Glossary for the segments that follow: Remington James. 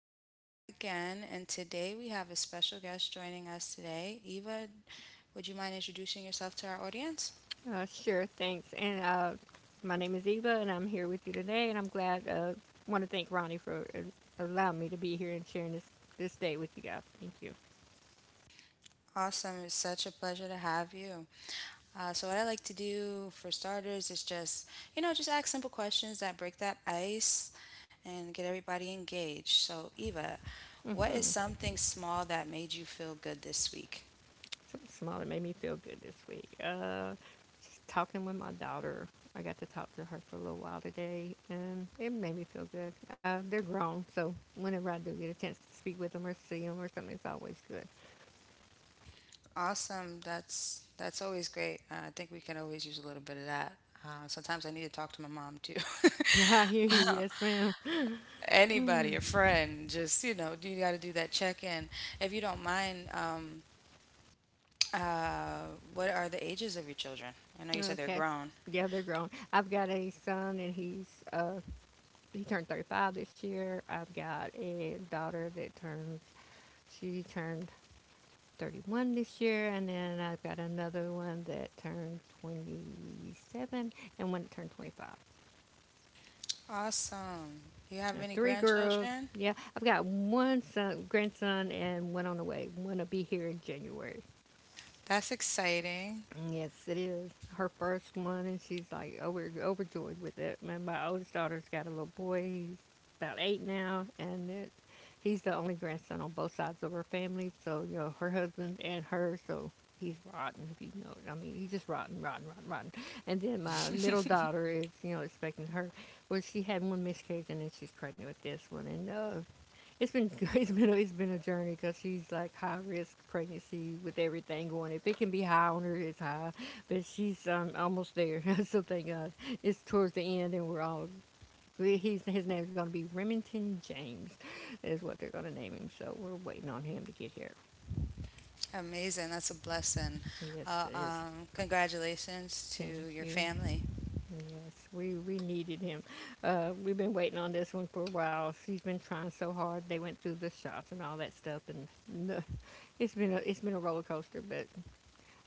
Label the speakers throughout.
Speaker 1: Ronnie back again, and today we have a special guest joining us today. Eva, would you mind introducing yourself to our audience?
Speaker 2: Sure, thanks. And my name is Eva, and I'm here with you today. And I'm glad. Want to thank Ronnie for allowing me to be here and sharing this day with you guys. Thank you.
Speaker 1: Awesome, it's such a pleasure to have you. What I like to do for starters is just, you know, just ask simple questions that break that ice and get everybody engaged. So, Eva, what is
Speaker 2: Mm-hmm.
Speaker 1: something small that made you feel good this week?
Speaker 2: Something small that made me feel good this week. Talking with my daughter. I got to talk to her for a little while today, and it made me feel good. They're grown, so whenever I do get a chance to speak with them or see them or something, it's always good.
Speaker 1: Awesome. That's always great. I think we can always use a little bit of that. Sometimes I need to talk to my mom too.
Speaker 2: I hear you. Yes, ma'am.
Speaker 1: Anybody, a friend, just you know, you got to do that check in. If you don't mind, uh, what are the ages of your children? I know you said they're
Speaker 2: Okay.
Speaker 1: grown.
Speaker 2: Yeah, they're grown. I've got a son, and he turned 35 this year. I've got a daughter that turned 31 this year, and then I've got another one that turned 27 and one that turned 25.
Speaker 1: Awesome. Do you
Speaker 2: I
Speaker 1: have
Speaker 2: have
Speaker 1: any
Speaker 2: three girls.
Speaker 1: grandchildren?
Speaker 2: Yeah, I've got one son, grandson, and one on the way. One will be here in January.
Speaker 1: That's exciting.
Speaker 2: Yes, it is her first one, and she's like overjoyed with it. Man, my oldest daughter's got a little boy. He's about eight now, and he's the only grandson on both sides of her family. So her husband and her. So he's rotten, if you know it, I mean, he's just rotten, rotten, rotten, rotten. And then my middle daughter is, expecting her. Well, she had one miscarriage, and then she's pregnant with this one, and it's been it's been a journey, because she's like high risk pregnancy with everything going. If it can be high on her, it's high, but she's almost there. So thank God it's towards the end, and we're all. We- He's, his name is going to be Remington James, is what they're going to name him. So we're waiting on him to get here.
Speaker 1: Amazing. That's a blessing.
Speaker 2: Yes, it is.
Speaker 1: Congratulations to
Speaker 2: Thank
Speaker 1: your
Speaker 2: you.
Speaker 1: family.
Speaker 2: Yes, we needed him. We've been waiting on this one for a while. She's been trying so hard. They went through the shots and all that stuff, and no, it's been a roller coaster. But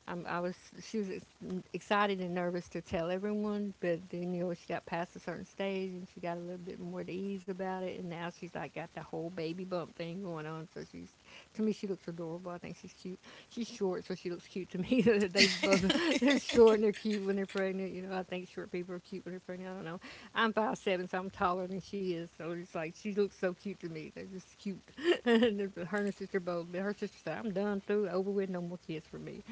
Speaker 2: I was she was ex- excited and nervous to tell everyone, but then she got past a certain stage, and she got a little bit more at ease about it, and now she's like got the whole baby bump thing going on. So she's to me she looks adorable. I think she's cute. She's short, so she looks cute to me. They're short, and they're cute when they're pregnant. I think short people are cute when they're pregnant. I don't know. I'm 5'7", so I'm taller than she is. So it's like she looks so cute to me. They're just cute. Her and her sister both. Her sister said, I'm done through over with no more kids for me.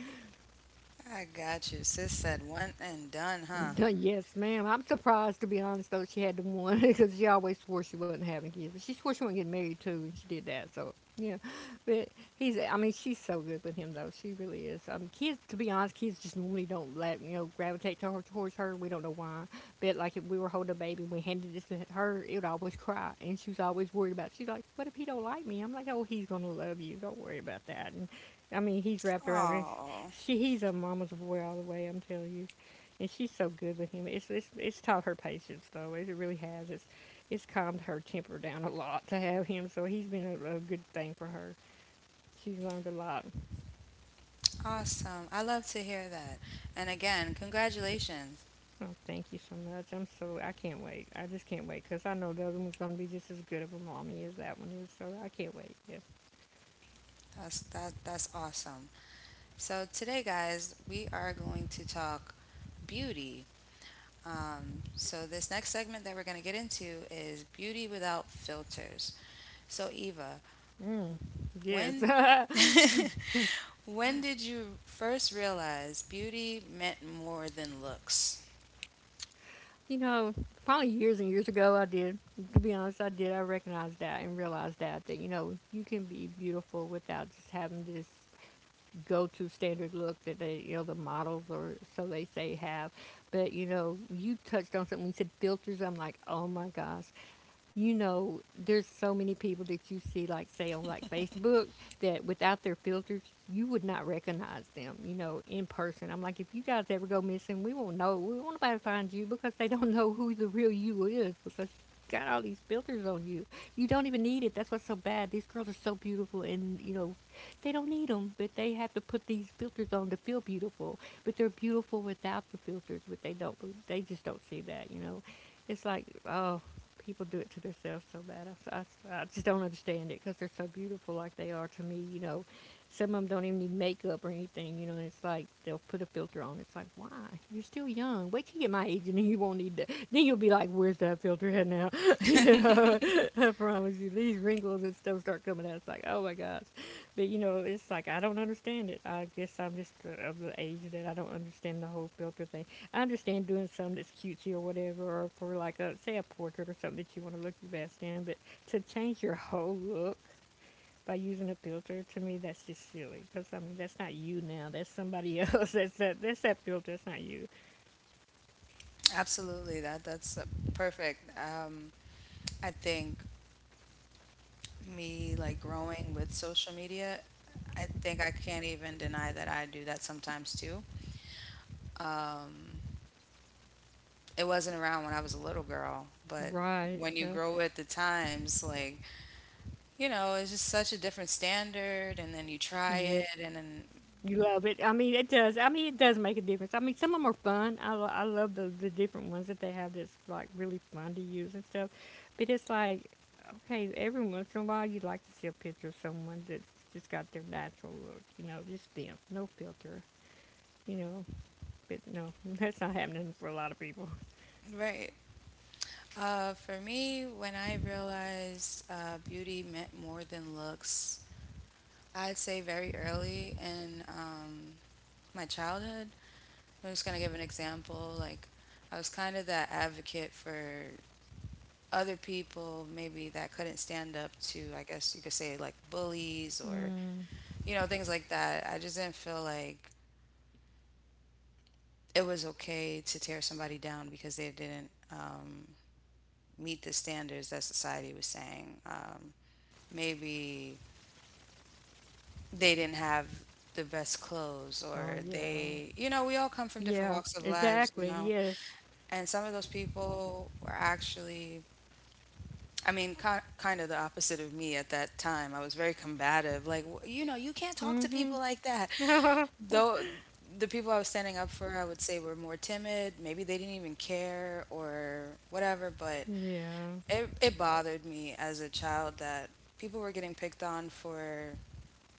Speaker 1: I got you. Sis said one and done, huh?
Speaker 2: Yes, ma'am. I'm surprised, to be honest, though, she had the one because she always swore she wasn't having kids. But she swore she wasn't getting married, too, and she did that. So, yeah. But I mean, she's so good with him, though. She really is. To be honest, kids just normally don't, like, gravitate to her, towards her. We don't know why. But, like, if we were holding a baby and we handed this to her, it would always cry. And she was always worried about it. She's like, what if he don't like me? I'm like, oh, he's going to love you. Don't worry about that. And, I mean, he's wrapped around her.
Speaker 1: Oh,
Speaker 2: He's a mama's boy all the way, I'm telling you, and she's so good with him. It's taught her patience, though. It really has. It's calmed her temper down a lot to have him. So he's been a good thing for her. She's learned a lot.
Speaker 1: awesome. I love to hear that. And again, congratulations.
Speaker 2: Oh, thank you so much. I can't wait. I just can't wait, because I know the other one's gonna be just as good of a mommy as that one is. So I can't wait. Yes.
Speaker 1: That's awesome. So today, guys, we are going to talk beauty. So this next segment that we're going to get into is beauty without filters. So Eva,
Speaker 2: Yes.
Speaker 1: when when did you first realize beauty meant more than looks?
Speaker 2: you know, probably years and years ago, I did. To be honest, I did. I recognized that and realized that you can be beautiful without just having this go-to standard look that they, you know, the models or so they say have. But you touched on something. You said filters. I'm like, oh my gosh. There's so many people that you see, like say on like Facebook, that without their filters, you would not recognize them. In person. I'm like, if you guys ever go missing, we won't know. We won't nobody find you, because they don't know who the real you is, because you got all these filters on you. You don't even need it. That's what's so bad. These girls are so beautiful, and, they don't need them, but they have to put these filters on to feel beautiful. But they're beautiful without the filters. But they don't. They just don't see that. It's like, oh, people do it to themselves so bad. I just don't understand it, because they're so beautiful like they are to me. Some of them don't even need makeup or anything. And it's like they'll put a filter on. It's like, why? You're still young. Wait till you get my age and then you won't need that. Then you'll be like, where's that filter at now? you know, I promise you, these wrinkles and stuff start coming out. It's like, oh my gosh. But it's like I don't understand it. I guess I'm just of the age that I don't understand the whole filter thing. I understand doing something that's cutesy or whatever, or for like a say a portrait or something that you want to look your best in. But to change your whole look by using a filter, to me, that's just silly. Because I mean, that's not you now. That's somebody else. That's that. That's that filter. That's not you.
Speaker 1: Absolutely. That's perfect. I think me growing with social media, I think I can't even deny that I do that sometimes too. Um, it wasn't around when I was a little girl, but
Speaker 2: Right.
Speaker 1: when you
Speaker 2: Yeah.
Speaker 1: grow with the times, like, you know, it's just such a different standard and then you try
Speaker 2: Yeah.
Speaker 1: it and then
Speaker 2: You love it. I mean, it does. I mean, it does make a difference. I mean, some of them are fun. I love the different ones that they have that's like really fun to use and stuff. But it's like, okay, every once in a while you'd like to see a picture of someone that's just got their natural look, just them, no filter, you know. But no, that's not happening for a lot of people.
Speaker 1: right. For me, when I realized beauty meant more than looks, I'd say very early and my childhood. I'm just gonna give an example. Like, I was kind of that advocate for other people, maybe that couldn't stand up to, I guess you could say, like bullies or,
Speaker 2: Mm.
Speaker 1: you know, things like that. I just didn't feel like it was okay to tear somebody down because they didn't meet the standards that society was saying. Maybe they didn't have the best clothes or
Speaker 2: Oh, yeah.
Speaker 1: they, you know, we all come from different
Speaker 2: Yeah,
Speaker 1: walks of lives, you
Speaker 2: exactly.
Speaker 1: know.
Speaker 2: Yes.
Speaker 1: And some of those people were actually, I mean, ki kind of the opposite of me at that time. I was very combative. Like, "W- you know, you can't talk to
Speaker 2: Mm hmm.
Speaker 1: people like that."
Speaker 2: Yeah.
Speaker 1: Though the people I was standing up for, I would say were more timid. Maybe they didn't even care or whatever. But it bothered me as a child that people were getting picked on for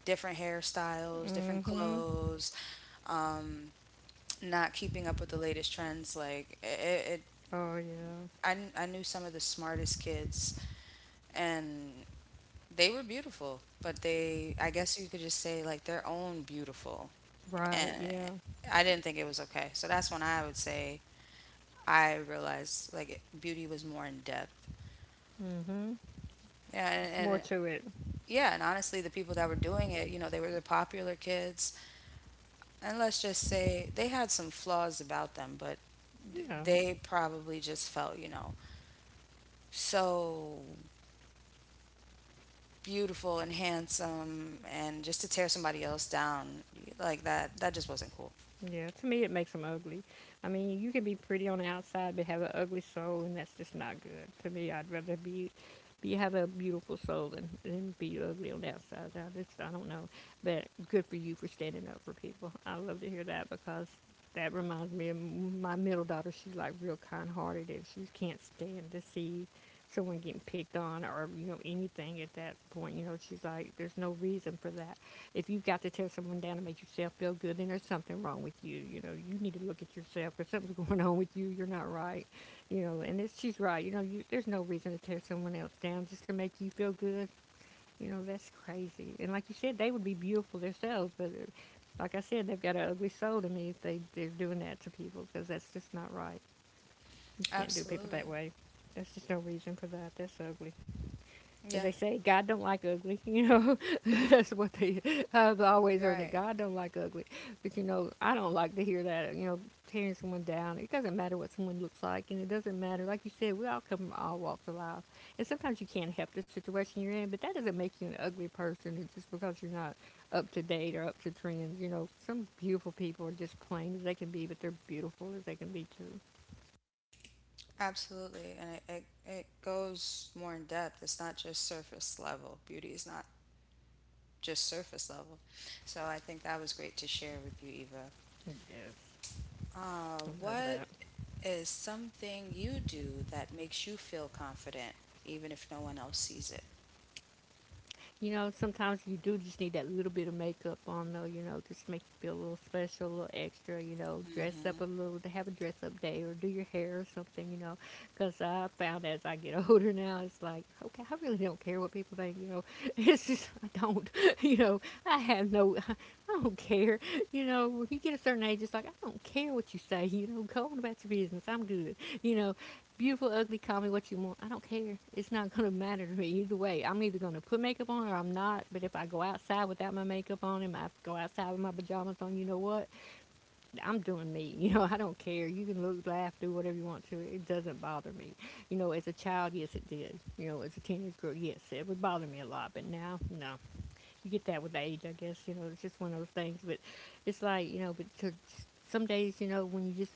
Speaker 1: different hairstyles, different
Speaker 2: Mm hmm.
Speaker 1: clothes, um, not keeping up with the latest trends. Like, it
Speaker 2: Oh, yeah.
Speaker 1: I knew some of the smartest kids and they were beautiful, but they, I guess you could just say like their own beautiful.
Speaker 2: Right,
Speaker 1: And
Speaker 2: yeah.
Speaker 1: I didn't think it was okay. So that's when I would say I realized like beauty was more in depth.
Speaker 2: Mm-hmm.
Speaker 1: Yeah,
Speaker 2: It's
Speaker 1: and,
Speaker 2: more
Speaker 1: and
Speaker 2: to it.
Speaker 1: yeah, and honestly, the people that were doing it, you know, they were the popular kids. And let's just say they had some flaws about them, but
Speaker 2: Yeah.
Speaker 1: they probably just felt, you know, so beautiful and handsome and just to tear somebody else down like that just wasn't cool
Speaker 2: Yeah. To me, it makes them ugly. I mean, you can be pretty on the outside, but have an ugly soul, and that's just not good. To me, I'd rather be have a beautiful soul than be ugly on the outside. I don't know, but good for you for standing up for people. I love to hear that, because that reminds me of my middle daughter. She's like real kind-hearted, and she can't stand to see someone getting picked on or anything at that point. She's like, there's no reason for that. If you've got to tear someone down to make yourself feel good, then there's something wrong with you. You need to look at yourself. If something's going on with you, you're not right. And she's right. There's no reason to tear someone else down just to make you feel good. That's crazy. And like you said, they would be beautiful themselves, but like I said, they've got an ugly soul to me if they're doing that to people, because that's just not right. You can't do people
Speaker 1: absolutely
Speaker 2: that way. There's just no reason for that. That's ugly,
Speaker 1: yeah
Speaker 2: as they say. God don't like ugly. That's what they. I've always heard that
Speaker 1: right
Speaker 2: God don't like ugly, but I don't like to hear that. Tearing someone down. It doesn't matter what someone looks like, and it doesn't matter. Like you said, we all come from all walks of life, and sometimes you can't help the situation you're in, but that doesn't make you an ugly person. Just because you're not up to date or up to trends. Some beautiful people are just plain as they can be, but they're beautiful as they can be too.
Speaker 1: absolutely and it goes more in depth. It's not just surface level. Beauty is not just surface level, so I think that was great to share with you, Eva.
Speaker 2: Yes, I love
Speaker 1: What
Speaker 2: that.
Speaker 1: is something you do that makes you feel confident even if no one else sees it?
Speaker 2: You know, sometimes you do just need that little bit of makeup on, though, you know, just to make you feel a little special, a little extra, you know, dress up a little, to have a dress up day or do your hair or something, you know. Because I found as I get older now, it's like, okay, I really don't care what people think, you know. It's just, I don't, you know, I have no, I don't care. You know, when you get a certain age, it's like, I don't care what you say, you know, go on about your business, I'm good, you know, beautiful, ugly, call me what you want. I don't care. It's not going to matter to me either way. I'm either going to put makeup on or I'm not. But if I go outside without my makeup on and I go outside with my pajamas on, you know what? I'm doing me. You know, I don't care. You can look, laugh, do whatever you want to. It doesn't bother me. You know, as a child, yes, it did. You know, as a teenage girl, yes, it would bother me a lot. But now, no, you get that with age, I guess. You know, it's just one of those things. But it's like, you know, but some days, you know, when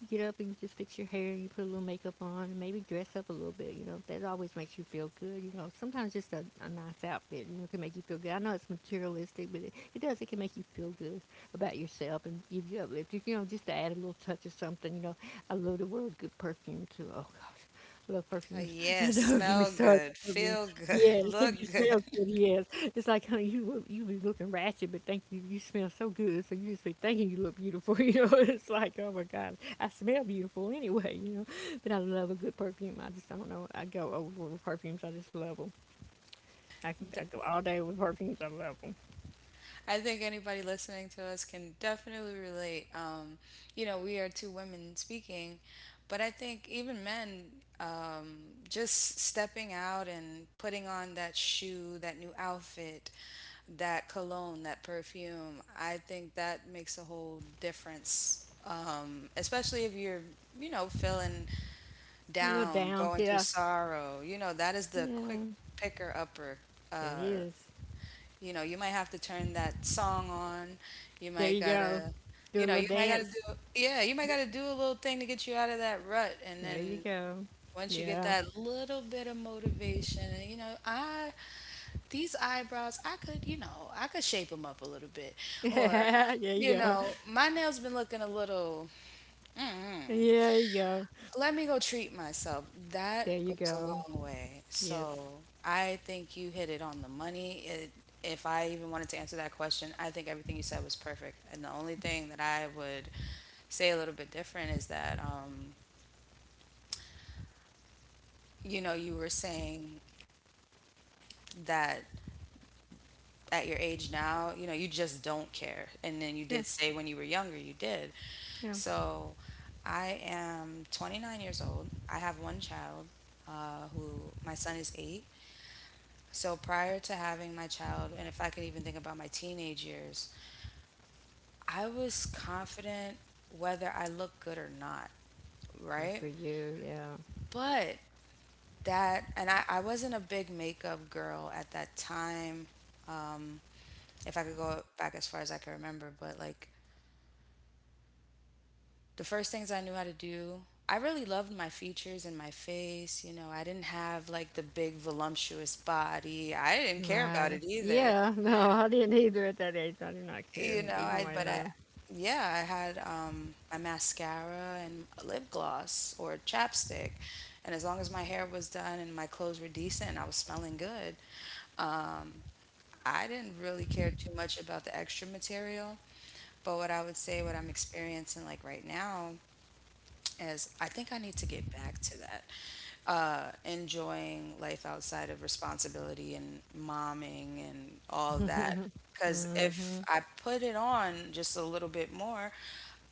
Speaker 2: you get up and you just fix your hair, you put a little makeup on, and maybe dress up a little bit. You know, that always makes you feel good. You know, sometimes just a nice outfit, you know, can make you feel good. I know it's materialistic, but it does. It can make you feel good about yourself and give you uplifted. You know, just to add a little touch of something. You know, I love the word good perfume too. Oh gosh, I love perfumes.
Speaker 1: Yes,
Speaker 2: Don't get me
Speaker 1: smell
Speaker 2: started
Speaker 1: good,
Speaker 2: on perfumes.
Speaker 1: feel good,
Speaker 2: Yes,
Speaker 1: look
Speaker 2: if you
Speaker 1: good.
Speaker 2: smell good, yes. It's like, honey, you be looking ratchet, but thank you smell so good, so you just be thinking you look beautiful. You know, it's like, oh my God, I smell beautiful anyway. You know, but I love a good perfume. I just don't know. I go over with perfumes. I just love them. I go all day with perfumes. I love them.
Speaker 1: I think anybody listening to us can definitely relate. You know, we are two women speaking, but I think even men, um, just stepping out and putting on that shoe, that new outfit, that cologne, that perfume, I think that makes a whole difference. Especially if you're, you know, feeling
Speaker 2: They're a little
Speaker 1: down,
Speaker 2: down,
Speaker 1: going
Speaker 2: yeah,
Speaker 1: through sorrow, you know, that is the
Speaker 2: yeah.
Speaker 1: quick picker upper.
Speaker 2: It
Speaker 1: Uh,
Speaker 2: is.
Speaker 1: you know, you might have to turn that song on. You
Speaker 2: There
Speaker 1: might
Speaker 2: you go.
Speaker 1: gotta,
Speaker 2: Do a
Speaker 1: you know,
Speaker 2: little dance.
Speaker 1: you might gotta do a little thing to get you out of that rut. And
Speaker 2: There you
Speaker 1: then
Speaker 2: go.
Speaker 1: once you get
Speaker 2: Yeah.
Speaker 1: that little bit of motivation, and, these eyebrows, I could, you know, I could shape them up a little bit. Or,
Speaker 2: there
Speaker 1: you
Speaker 2: you go.
Speaker 1: know, my nails been looking a little,
Speaker 2: Yeah, you go.
Speaker 1: let me go treat myself.
Speaker 2: There
Speaker 1: That
Speaker 2: you
Speaker 1: goes a
Speaker 2: go.
Speaker 1: long way.
Speaker 2: Yes.
Speaker 1: So I think you hit it on the money. If I even wanted to answer that question, I think everything you said was perfect. And the only thing that I would say a little bit different is that, you know, you were saying that at your age now, you know, you just don't care. And then you
Speaker 2: Yeah,
Speaker 1: did say when you were younger, you did.
Speaker 2: yeah.
Speaker 1: So I am 29 years old. I have one child who, my son is eight. So prior to having my child, and if I can even think about my teenage years, I was confident whether I looked good or not,
Speaker 2: Good for
Speaker 1: right?
Speaker 2: you. Yeah.
Speaker 1: But that, and I wasn't a big makeup girl at that time. Um, if I could go back as far as I can remember, but like the first things I knew how to do, I really loved my features and my face. You know, I didn't have like the big voluptuous body. I didn't care about
Speaker 2: Right.
Speaker 1: it either.
Speaker 2: Yeah. No, I didn't either at that age. I did not care
Speaker 1: You know,
Speaker 2: either
Speaker 1: I
Speaker 2: way or
Speaker 1: but I
Speaker 2: another.
Speaker 1: yeah, I had my mascara and a lip gloss or chapstick. And as long as my hair was done and my clothes were decent and I was smelling good, I didn't really care too much about the extra material. But what I would say what I'm experiencing like right now, as I think I need to get back to that. Enjoying life outside of responsibility and momming and all that. Because if I put it on just a little bit more,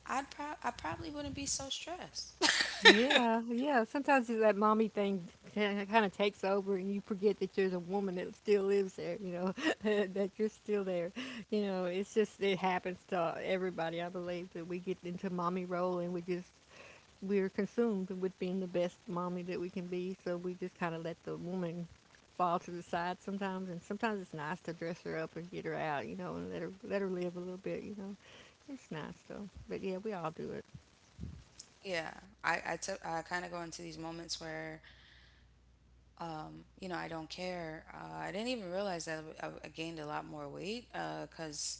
Speaker 1: I probably wouldn't be so stressed.
Speaker 2: Yeah, yeah. Sometimes it's that mommy thing kind of takes over, and you forget that there's a woman that still lives there. You know, that you're still there. You know, it's just it happens to everybody. I believe that we get into mommy role, and we just we're consumed with being the best mommy that we can be, so we just kind of let the woman fall to the side sometimes. And sometimes it's nice to dress her up and get her out, you know, and let her live a little bit, you know. It's nice though, but yeah, we all do it.
Speaker 1: Yeah, I kind of go into these moments where you know I don't care. I didn't even realize that I gained a lot more weight because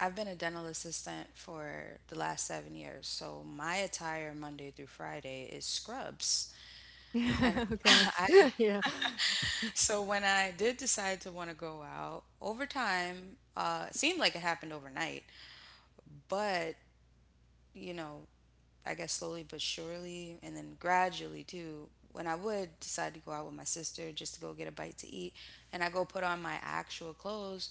Speaker 1: I've been a dental assistant for the last 7 years. So my attire Monday through Friday is scrubs. And
Speaker 2: oh gosh,
Speaker 1: I,
Speaker 2: yeah.
Speaker 1: so when I did decide to want to go out, over time, it seemed like it happened overnight. But, you know, I guess slowly but surely, and then gradually too, when I would decide to go out with my sister just to go get a bite to eat, and I go put on my actual clothes,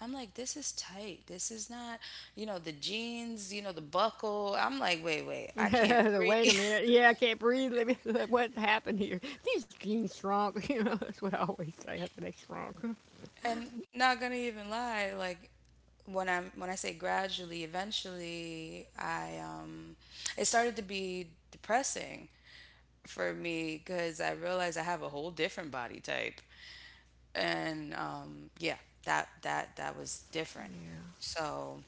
Speaker 1: I'm like, this is tight. This is not, you know, the jeans, you know, the buckle. I'm like, I can't
Speaker 2: Wait a
Speaker 1: breathe.
Speaker 2: minute, yeah, I can't breathe. Let me. What happened here? These jeans shrunk. You know, that's what I always say after they shrunk.
Speaker 1: and not gonna even lie, like when I say gradually, eventually, I it started to be depressing for me because I realized I have a whole different body type, and yeah, that was different.
Speaker 2: Yeah.
Speaker 1: So,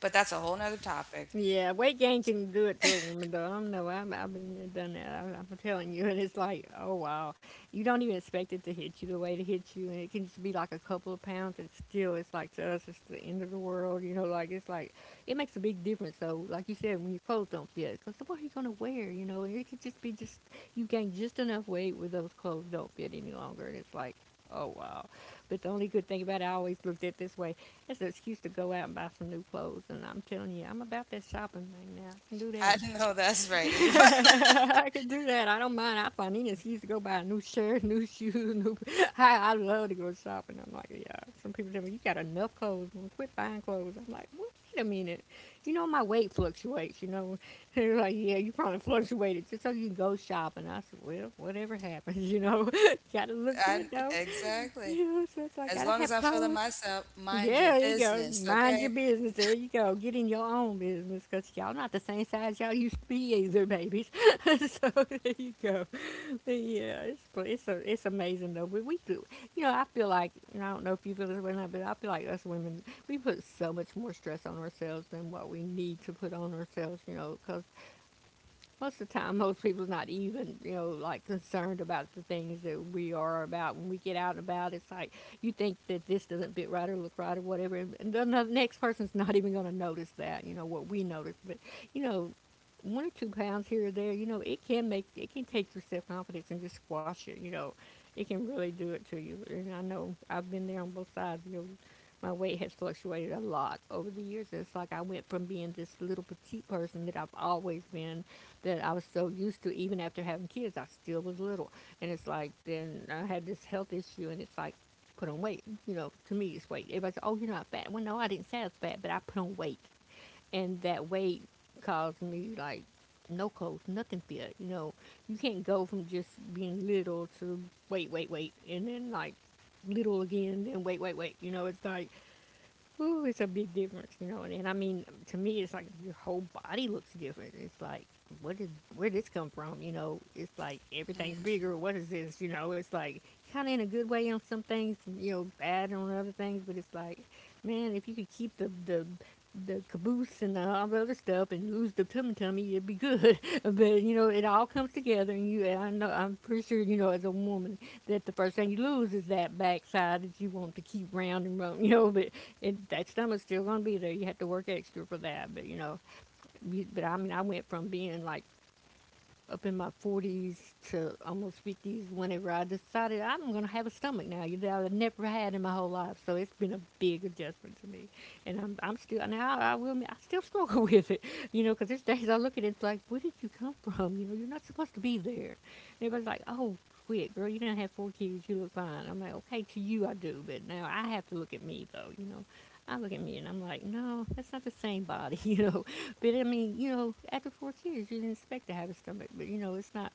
Speaker 1: but that's a whole nother topic.
Speaker 2: Yeah, weight gain can do it to a woman, though. I don't know. I've been there, done that. I'm telling you, and it's like, oh wow, you don't even expect it to hit you the way it hits you, and it can just be like a couple of pounds, and still, it's like to us, it's the end of the world. You know, like it's like it makes a big difference. So, like you said, when your clothes don't fit, because what are you gonna wear? You know, it could just be just you gain just enough weight where those clothes don't fit any longer, and it's like, oh wow. But the only good thing about it, I always looked at it this way: it's an excuse to go out and buy some new clothes, and I'm telling you, I'm about that shopping thing now. I can do
Speaker 1: I know that's right, Eva.
Speaker 2: that. I can do that. I don't mind. I find any excuse to go buy a new shirt, new shoes, new. I love to go shopping. I'm like, yeah. Some people tell me you got enough clothes. Quit buying clothes. I'm like, well, wait a minute. You know my weight fluctuates. You know, they're like, yeah, you probably fluctuated just so you can go shopping. I said, well, whatever happens. You know, gotta
Speaker 1: I,
Speaker 2: look good though.
Speaker 1: exactly.
Speaker 2: You know, so it's
Speaker 1: As
Speaker 2: like
Speaker 1: long
Speaker 2: gotta
Speaker 1: as I'm
Speaker 2: have
Speaker 1: feeling
Speaker 2: clothes.
Speaker 1: myself, mind your
Speaker 2: Yeah, there you go.
Speaker 1: business,
Speaker 2: Mind
Speaker 1: okay?
Speaker 2: your business. There you go. Get in your own business because y'all not the same size y'all used to be either, babies. so there you go. But yeah, it's amazing though. We do. You know, I feel like and I don't know if you feel this way or not, but I feel like us women we put so much more stress on ourselves than what we need to put on ourselves. You know, because most of the time, most people's not even, you know, like concerned about the things that we are about. When we get out and about, it's like you think that this doesn't fit right or look right or whatever, and the next person's not even going to notice that, you know, what we notice. But, you know, 1 or 2 pounds here or there, you know, it can make, it can take your self confidence and just squash it, you know. It can really do it to you. And I know I've been there on both sides, you know my weight has fluctuated a lot over the years. It's like I went from being this little petite person that I've always been that I was so used to, even after having kids, I still was little. And it's like, then I had this health issue, and it's like, put on weight. You know, to me, it's weight. Everybody's like, oh, you're not fat. Well, no, I didn't say I was fat, but I put on weight. And that weight caused me, like, no clothes, nothing fit. You know, you can't go from just being little to wait, wait, wait, and then, like, little again, then wait, wait, wait. You know, it's like, ooh, it's a big difference, you know. And I mean, to me, it's like your whole body looks different. It's like, what is where did this come from? You know, it's like everything's bigger. What is this? You know, it's like kind of in a good way on some things, you know, bad on other things. But it's like, man, if you could keep the the caboose and all the other stuff and lose the tummy tummy, it'd be good. but you know, it all comes together, and and I know, I'm pretty sure you know, as a woman, that the first thing you lose is that backside that you want to keep round and round, you know. But it, that stomach's still gonna be there. You have to work extra for that. But you know, but I mean, I went from being like up in my 40s to almost 50s whenever I decided I'm going to have a stomach now, you know, I never had in my whole life, so it's been a big adjustment to me, and I'm still now I will admit, I still struggle with it, you know, because there's days I look at it and it's like, where did you come from? You know, you're not supposed to be there. And everybody's like, oh, quit girl, you don't have four kids, you look fine. I'm like, okay, to you I do, but now I have to look at me though, you know. I look at me and I'm like, no, that's not the same body, you know. But I mean, you know, after four kids, you didn't expect to have a stomach. But you know, it's not.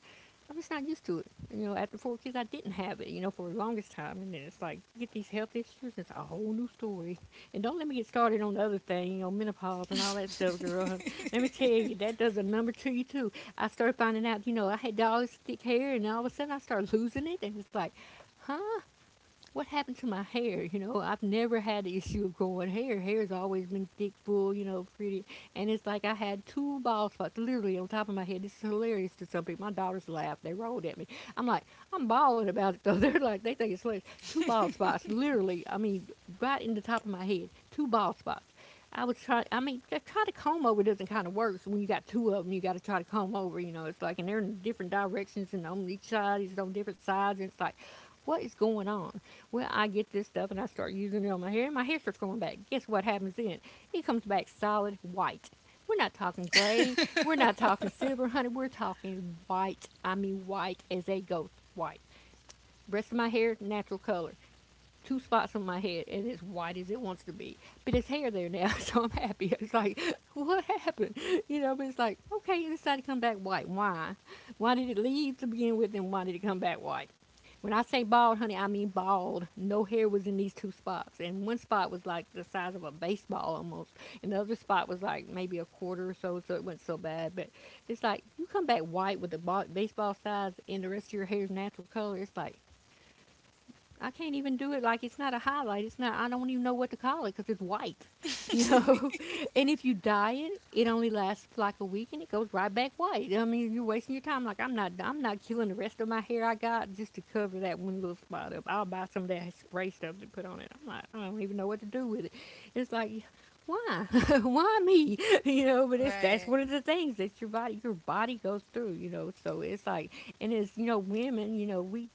Speaker 2: I'm just not used to it. You know, after four kids, I didn't have it. You know, for the longest time, and then it's like you get these health issues. It's a whole new story. And don't let me get started on the other thing. You know, menopause and all that stuff, girl. Let me tell you, that does a number to you too. I started finding out. You know, I had all this thick hair, and all of a sudden, I started losing it, and it's like, what happened to my hair? You know, I've never had the issue of growing hair. Hair's always been thick, full, you know, pretty. And it's like I had two bald spots literally on top of my head. This is hilarious to some people. My daughters laughed. They rolled at me. I'm like, I'm bawling about it though. They're like, they think it's hilarious. Two bald spots, literally. I mean, right in the top of my head. Two bald spots. I was try. I mean, just try to comb over doesn't kind of work. So when you got two of them, you got to try to comb over. You know, it's like, and they're in different directions, and on each side it's on different sides, and it's like, what is going on? Well, I get this stuff, and I start using it on my hair, and my hair starts growing back. Guess what happens then? It comes back solid white. We're not talking gray. We're not talking silver, honey. We're talking white. I mean, white as a ghost white. The rest of my hair, natural color, two spots on my head and it's white as it wants to be. But it's hair there now, so I'm happy. It's like, what happened? You know, but it's like, okay, it decided to come back white. Why? Why did it leave to begin with and why did it come back white? When I say bald, honey, I mean bald. No hair was in these two spots. And one spot was like the size of a baseball almost. And the other spot was like maybe a quarter or so, so it wasn't so bad. But it's like, you come back white with the baseball size and the rest of your hair's natural color. It's like, I can't even do it like it's not a highlight. It's not. I don't even know what to call it because it's white, you know. And if you dye it, it only lasts for like a week and it goes right back white. I mean, you're wasting your time. I'm not killing the rest of my hair I got just to cover that one little spot up. I'll buy some of that spray stuff to put on it. I'm like, I don't even know what to do with it. It's like. Why? Why me? You know, but it's that's
Speaker 1: Right.
Speaker 2: one of the things that your body goes through, you know. So it's like and it's you know, women, you know, we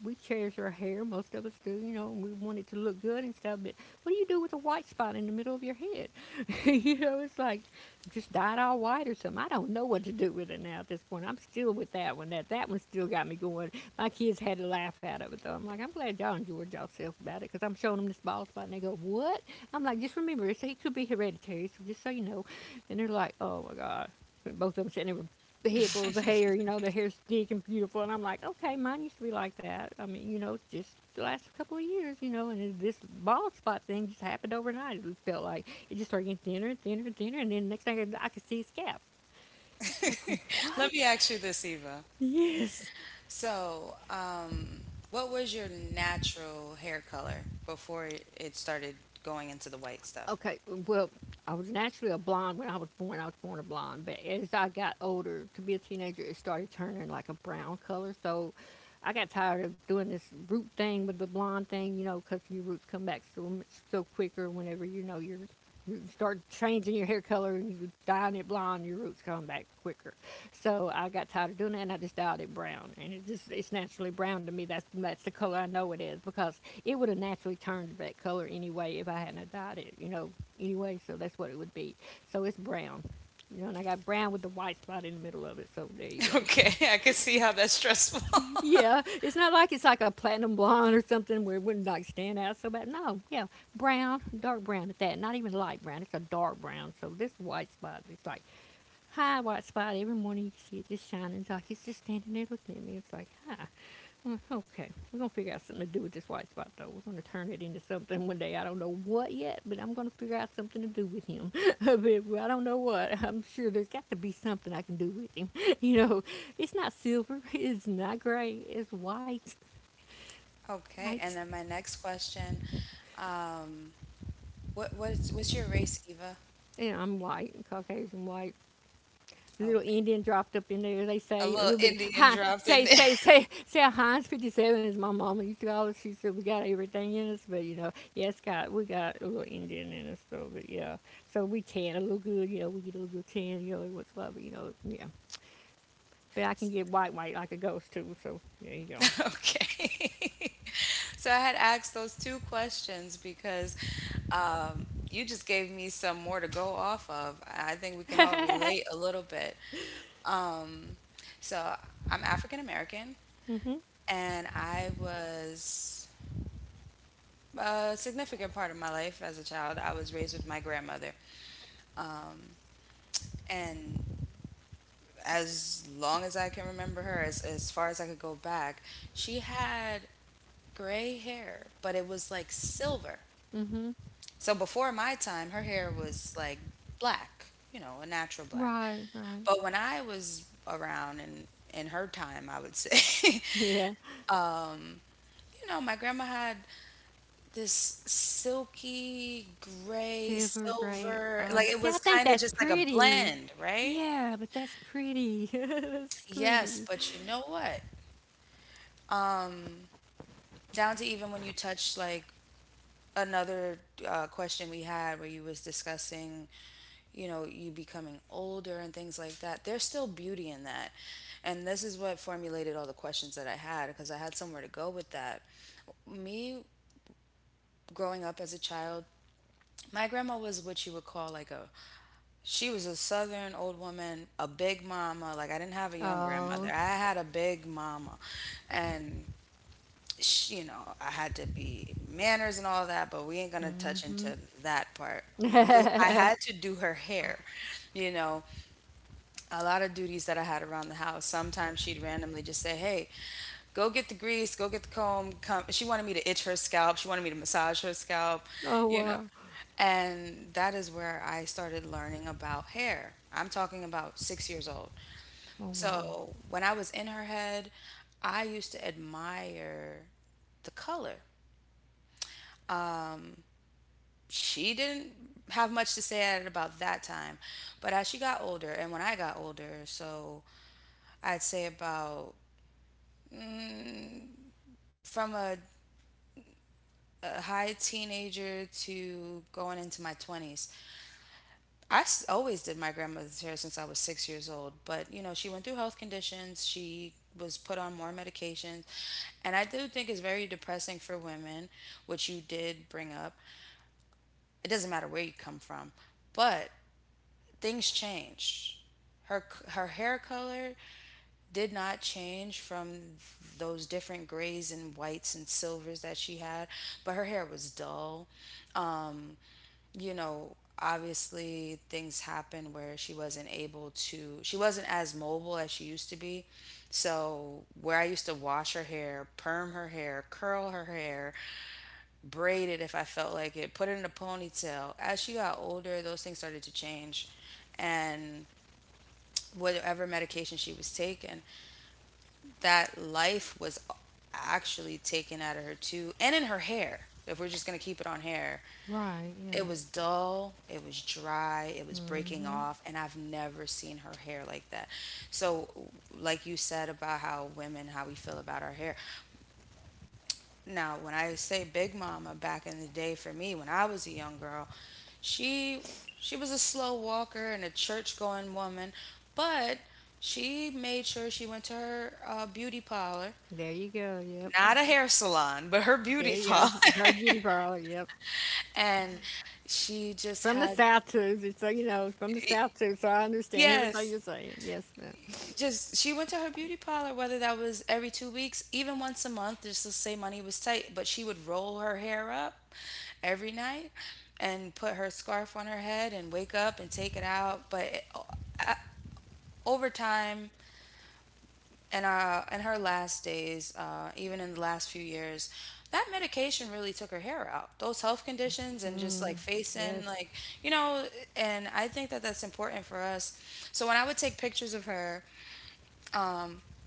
Speaker 2: we cherish our hair. Most of us do, you know, and we want it to look good and stuff. But what do you do with a white spot in the middle of your head? You know, it's like just dye it all white or something. I don't know what to do with it now at this point. I'm still with that one. That one still got me going. My kids had to laugh out of it though. I'm like, I'm glad y'all enjoyed yourself about it because I'm showing them this bald spot and they go, what? I'm like, just remember, it could be hereditary. So just so you know, and they're like, oh my god. Both of them sitting there with the head full of hair, you know, the hair's thick and beautiful. And I'm like, okay, mine used to be like that. I mean, you know, just the last couple of years, you know, and this bald spot thing just happened overnight. It felt like it just started getting thinner and thinner. And then the next thing I, could see a scalp. It's like,
Speaker 1: Let me
Speaker 2: what?
Speaker 1: ask you this, Eva.
Speaker 2: Yes.
Speaker 1: So, what was your natural hair color before it started going into the white stuff?
Speaker 2: Okay, well, I was naturally a blonde when I was born. I was born a blonde, but as I got older, to be a teenager, it started turning like a brown color. So I got tired of doing this root thing with the blonde thing, you know, because your roots come back so much so quicker whenever you know you start changing your hair color and you dyeing it blonde, your roots come back quicker. So I got tired of doing it, and I just dyed it brown, and it's naturally brown to me. That's the color I know it is because it would have naturally turned that color anyway if I hadn't have dyed it, you know. Anyway, so that's what it would be. So it's brown. You know, and I got brown with the white spot in the middle of it, so there you go.
Speaker 1: Okay, I can see how that's stressful.
Speaker 2: Yeah, it's not like it's like a platinum blonde or something where it wouldn't like stand out so bad. No, yeah, brown, dark brown at that. Not even light brown. It's a dark brown. So this white spot, it's like high white spot every morning. You can see it just shining. It's like it's just standing there looking at me. It's like, hi. I'm like, okay, we're gonna figure out something to do with this white spot though. We're gonna turn it into something one day. I don't know what yet, but I'm gonna figure out something to do with him. But I don't know what. I'm sure there's got to be something I can do with him. You know, it's not silver. It's not gray. It's white.
Speaker 1: Okay,
Speaker 2: White.
Speaker 1: and then my next question, um, what's your race, Eva?
Speaker 2: And I'm white, Caucasian white. Little
Speaker 1: Okay,
Speaker 2: Indian dropped up in there. They
Speaker 1: a
Speaker 2: say a
Speaker 1: little
Speaker 2: little bit. Of,
Speaker 1: Indian
Speaker 2: hi,
Speaker 1: dropped in
Speaker 2: say
Speaker 1: there.
Speaker 2: say say say a Heinz 57 is my mama used to call us. She said we got everything in us, but you know, yes, God, we got a little Indian in us though. But yeah, so we tan a little good. You know, we get a little tan. You know, what's love. You know, yeah. But I can get white white like a ghost too. So there you go.
Speaker 1: Okay. So I had asked those two questions because um, you just gave me some more to go off of. I think we can all relate a little bit. So I'm African American,
Speaker 2: Mhm.
Speaker 1: and I was a significant part of my life as a child, I was raised with my grandmother, and as long as I can remember her, as far as I could go back, she had gray hair, but it was like silver.
Speaker 2: Mhm.
Speaker 1: So before my time, her hair was like black, you know, a natural black.
Speaker 2: Right.
Speaker 1: But when I was around and in her time, I would say,
Speaker 2: Yeah.
Speaker 1: you know, my grandma had this silky gray
Speaker 2: Silver gray.
Speaker 1: silver,
Speaker 2: Oh,
Speaker 1: like it
Speaker 2: see, I
Speaker 1: was
Speaker 2: think
Speaker 1: kind of
Speaker 2: that's
Speaker 1: just like a
Speaker 2: pretty.
Speaker 1: blend, right?
Speaker 2: Yeah, but that's pretty. That's
Speaker 1: Yes,
Speaker 2: pretty.
Speaker 1: but you know what? Down to even when you touch, like, another question we had where you was discussing, you know, you becoming older and things like that, there's still beauty in that. And this is what formulated all the questions that I had, because I had somewhere to go with that. Me growing up as a child, my grandma was what you would call like a, she was a southern old woman, a big mama. Like, I didn't have a young grandmother,
Speaker 2: Oh.
Speaker 1: I had a big mama. And sh you know, I had to be manners and all that, but we ain't gonna touch into that part. Do I
Speaker 2: Oh
Speaker 1: had to do her hair, you know, a lot of duties that I had around the house. Sometimes she'd randomly just say, "Hey, go get the grease, go get the comb." Come. She wanted me to itch her scalp. She wanted me to massage her scalp, you know.
Speaker 2: wow.
Speaker 1: And that is where I started learning about hair. I'm talking about 6 years old.
Speaker 2: Oh wow.
Speaker 1: So when I was in her head, I used to admire the color. She didn't have much to say at it about that time. But as she got older, and when I got older, so I'd say about from a high teenager to going into my 20s, always did my grandmother's hair since I was 6 years old. But, you know, she went through health conditions. She was put on more medications. And I do think it's very depressing for women, which you did bring up. It doesn't matter where you come from. But things changed. Her hair color did not change from those different grays and whites and silvers that she had, but her hair was dull. Um, you know, obviously things happened where she wasn't able to, she wasn't as mobile as she used to be. So, where I used to wash her hair, perm her hair, curl her hair, braid it if I felt like it, put it in a ponytail, as she got older, those things started to change. And whatever medication she was taking, that life was actually taken out of her too, and in her hair, if we're just going to keep it on hair.
Speaker 2: Right, yeah.
Speaker 1: It was dull, it was dry, it was breaking off, and I've never seen her hair like that. So, like you said about how women, how we feel about our hair. Now, when I say Big Mama back in the day for me, when I was a young girl, she she was a slow walker and a church going woman, but she made sure she went to her beauty parlor,
Speaker 2: There you go, yep.
Speaker 1: not a hair salon, but her
Speaker 2: There
Speaker 1: beauty
Speaker 2: you
Speaker 1: parlor.
Speaker 2: go. Her beauty parlor, yep.
Speaker 1: and she just
Speaker 2: From the
Speaker 1: had,
Speaker 2: South too, just so you know, from the South too, so I understand everything you're
Speaker 1: yes,
Speaker 2: saying. Yes, ma'am.
Speaker 1: just she went to her beauty parlor, whether that was every 2 weeks, even once a month, just to say money was tight. But she would roll her hair up every night and put her scarf on her head and wake up and take it out. But it, over time, and in her last days, even in the last few years, that medication really took her hair out, those health conditions, and just
Speaker 2: Mm,
Speaker 1: like facing,
Speaker 2: yes.
Speaker 1: like, you know. And I think that that's important for us. So when I would take pictures of her,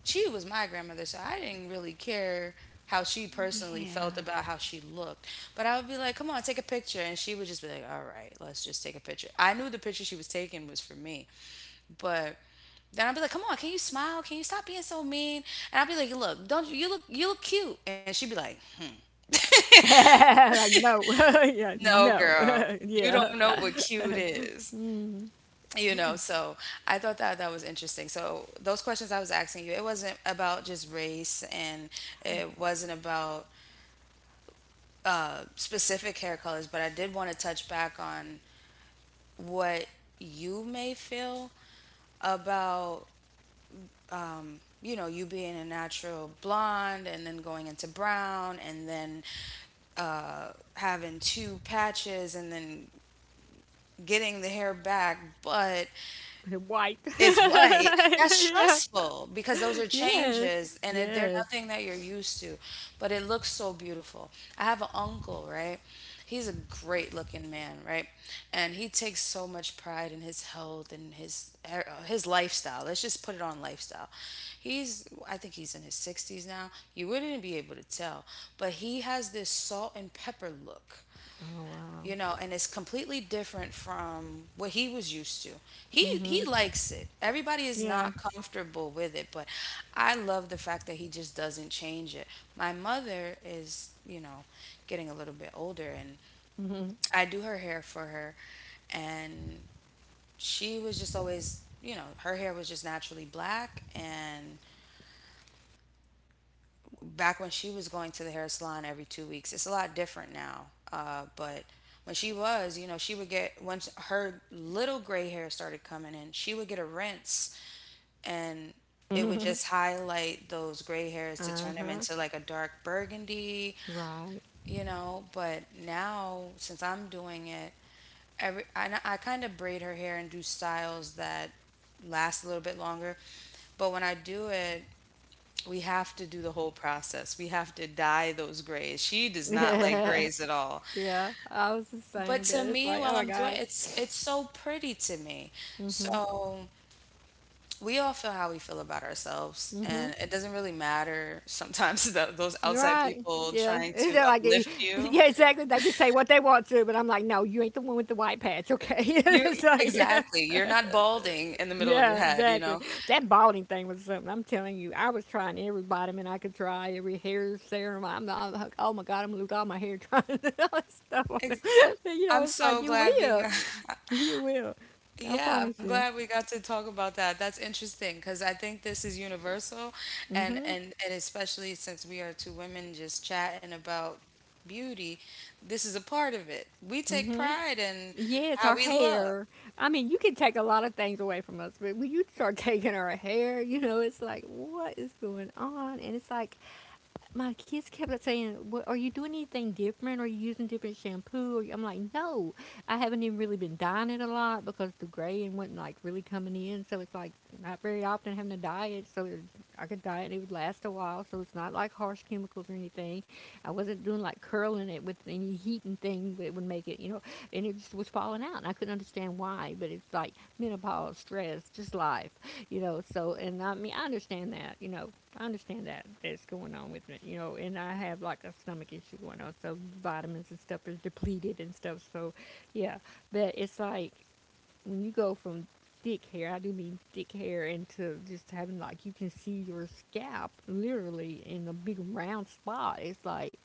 Speaker 1: she was my grandmother, so I didn't really care how she personally felt
Speaker 2: Yeah.
Speaker 1: about how she looked. But I would be like, come on, take a picture. And she would just be like, all right, let's just take a picture. I knew the picture she was taking was for me. But then I'd be like, come on, can you smile? Can you stop being so mean? And I'd be like, look, don't you, you look cute. And she'd be like,
Speaker 2: Like no. Yeah,
Speaker 1: no,
Speaker 2: no.
Speaker 1: girl, you don't
Speaker 2: Yeah.
Speaker 1: know what cute is,
Speaker 2: Mm,
Speaker 1: you know. So I thought that that was interesting. So those questions I was asking you, it wasn't about just race, and it wasn't about specific hair colors, but I did want to touch back on what you may feel about, you know, you being a natural blonde and then going into brown and then having two patches and then getting the hair back. But
Speaker 2: right. White.
Speaker 1: is white. That's
Speaker 2: Yeah.
Speaker 1: stressful, because those are
Speaker 2: Yes.
Speaker 1: changes and it, they're
Speaker 2: Yes.
Speaker 1: nothing that you're used to, but it looks so beautiful. I have an uncle, right? He's a great looking man, right? And he takes so much pride in his health and his lifestyle. Let's just put it on lifestyle. He's, I think he's in his 60s now. You wouldn't be able to tell, but he has this salt and pepper look,
Speaker 2: Oh
Speaker 1: you
Speaker 2: wow.
Speaker 1: know. And it's completely different from what he was used to. He
Speaker 2: Mhm.
Speaker 1: likes it. Everybody is
Speaker 2: Yeah.
Speaker 1: not comfortable with it, but I love the fact that he just doesn't change it. My mother is, you know, getting a little bit older, and
Speaker 2: Mhm.
Speaker 1: I do her hair for her. And she was just always, you know, her hair was just naturally black. And back when she was going to the hair salon every 2 weeks. It's a lot different now. But when she was, you know, she would get, once her little gray hair started coming in, she would get a rinse, and it would
Speaker 2: Mhm.
Speaker 1: just highlight those gray hairs to turn
Speaker 2: Uh
Speaker 1: them
Speaker 2: huh.
Speaker 1: into like a dark burgundy,
Speaker 2: Right.
Speaker 1: you know. But now, since I'm doing it, every I kind of braid her hair and do styles that last a little bit longer. But when I do it, we have to do the whole process. We have to dye those grays. She does not like grays at all.
Speaker 2: Yeah. I was the
Speaker 1: But
Speaker 2: same
Speaker 1: to
Speaker 2: bitch.
Speaker 1: me,
Speaker 2: Like,
Speaker 1: while
Speaker 2: oh my
Speaker 1: I'm doing
Speaker 2: gosh.
Speaker 1: it's so pretty to me. So we all feel how we feel about ourselves,
Speaker 2: Mm-hmm.
Speaker 1: and it doesn't really matter sometimes the, those
Speaker 2: You're
Speaker 1: outside
Speaker 2: right.
Speaker 1: people
Speaker 2: Yeah.
Speaker 1: trying
Speaker 2: It's
Speaker 1: to
Speaker 2: not like, it-
Speaker 1: uplift you.
Speaker 2: yeah, exactly. They can say what they want to, but I'm like, no, you ain't the one with the white patch, okay?
Speaker 1: You
Speaker 2: It's like, yeah.
Speaker 1: exactly. You're not balding in the middle of your
Speaker 2: Yeah,
Speaker 1: head. You
Speaker 2: exactly.
Speaker 1: know.
Speaker 2: That balding thing was something. I'm telling you, I was trying every vitamin I could try, every hair serum. I'm not, oh my God, I'm gonna lose all my hair trying all that stuff on it.
Speaker 1: Ex-
Speaker 2: You know,
Speaker 1: I'm
Speaker 2: it's like,
Speaker 1: so
Speaker 2: you
Speaker 1: glad we
Speaker 2: will.
Speaker 1: got.
Speaker 2: You will. I
Speaker 1: Yeah,
Speaker 2: promise
Speaker 1: I'm
Speaker 2: you.
Speaker 1: glad we got to talk about that. That's interesting because I think this is universal, and especially since we are two women just chatting about beauty, this is a part of it. We take pride in
Speaker 2: Yes, our
Speaker 1: how we look.
Speaker 2: hair. I mean, you can take a lot of things away from us, but when you start taking our hair, you know, it's like, what is going on? And it's like, my kids kept like, saying, "What are you doing anything different? Are you using different shampoo?" Or, I'm like, "No, I haven't even really been dyeing it a lot because the gray and wasn't like really coming in. So it's like not very often having to dye it. So it, I could dye it; and it would last a while. So it's not like harsh chemicals or anything. I wasn't doing like curling it with any heat and thing that would make it, you know. And it just was falling out, and I couldn't understand why. But it's like menopause, stress, just life, you know. So and I mean, I understand that, you know. I understand that that's going on with me, you know, and I have like a stomach issue going on, so vitamins and stuff is depleted and stuff. So, yeah, but it's like when you go from thick hair, I do mean thick hair, into just having like you can see your scalp literally in a big round spot. It's like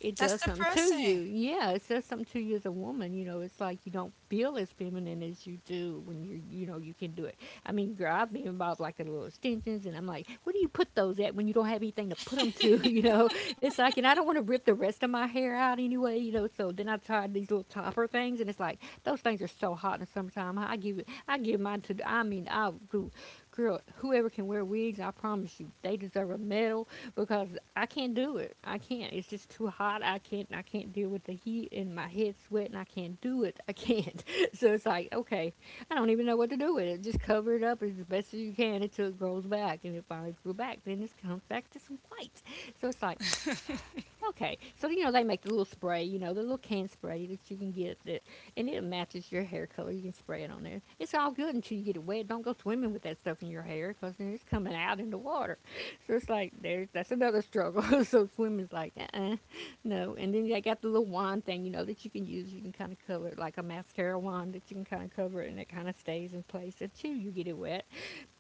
Speaker 2: it does
Speaker 1: That's
Speaker 2: something to you.
Speaker 1: depressing.
Speaker 2: Yeah, it says something to you as a woman. You know, it's like you don't feel as feminine as you do when you know you can do it. I mean, girl, I've been involved like the little extensions, and I'm like, where do you put those at when you don't have anything to put them to? You know, it's like, and I don't want to rip the rest of my hair out anyway. You know, so then I tried these little topper things, and it's like those things are so hot in the summertime. I give mine to. I mean, I'll do girl, whoever can wear wigs, I promise you, they deserve a medal because I can't do it. I can't. It's just too hot. I can't. I can't deal with the heat and my head sweating. I can't do it. I can't. So it's like, okay, I don't even know what to do with it. Just cover it up as best as you can until it grows back, and it finally grew back. Then it comes back to some white. So it's like, okay, so you know they make the little spray, you know the little can spray that you can get that, and it matches your hair color. You can spray it on there. It's all good until you get it wet. Don't go swimming with that stuff in your hair because then it's coming out in the water. So it's like there's that's another struggle. So swimming's like uh-uh, no. And then they got the little wand thing, you know that you can use. You can kind of cover it like a mascara wand that you can kind of cover it and it kind of stays in place until you get it wet.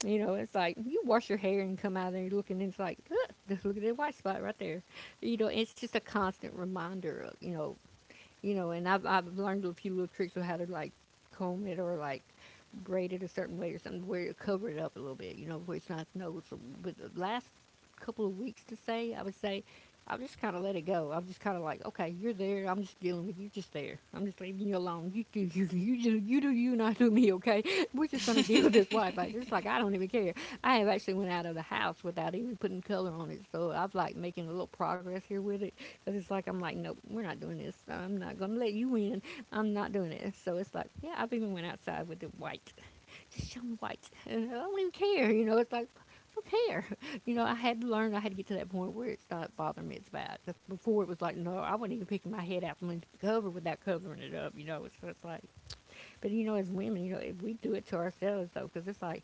Speaker 2: You know, it's like you wash your hair and come out of there and you're looking and it's like look, just look at that white spot right there, you know, it's just a constant reminder of, you know, and I've learned a few little tricks of how to like comb it or like braid it a certain way or something where you cover it up a little bit, you know, where it's not noticeable. But the last couple of weeks to say, I would say, I've just kind of let it go. I'm just kind of like, okay, you're there. I'm just dealing with you. Just there. I'm just leaving you alone. You do you. You do you. Not do me. Okay. We're just gonna deal with this Wi-Fi. Just like I don't even care. I have actually went out of the house without even putting color on it. So I've like making a little progress here with it because it's like I'm like, nope, we're not doing this. I'm not gonna let you in. I'm not doing it. So it's like, yeah, I've even went outside with the white, just showing white, and I don't even care. You know, it's like, I don't care. You know, I had to learn. I had to get to that point where it stopped bothering me. It's bad. 'Cause before it was like, no, I wasn't even picking my head out from under the cover without covering it up. You know, so it's like, but you know, as women, you know, if we do it to ourselves though, because it's like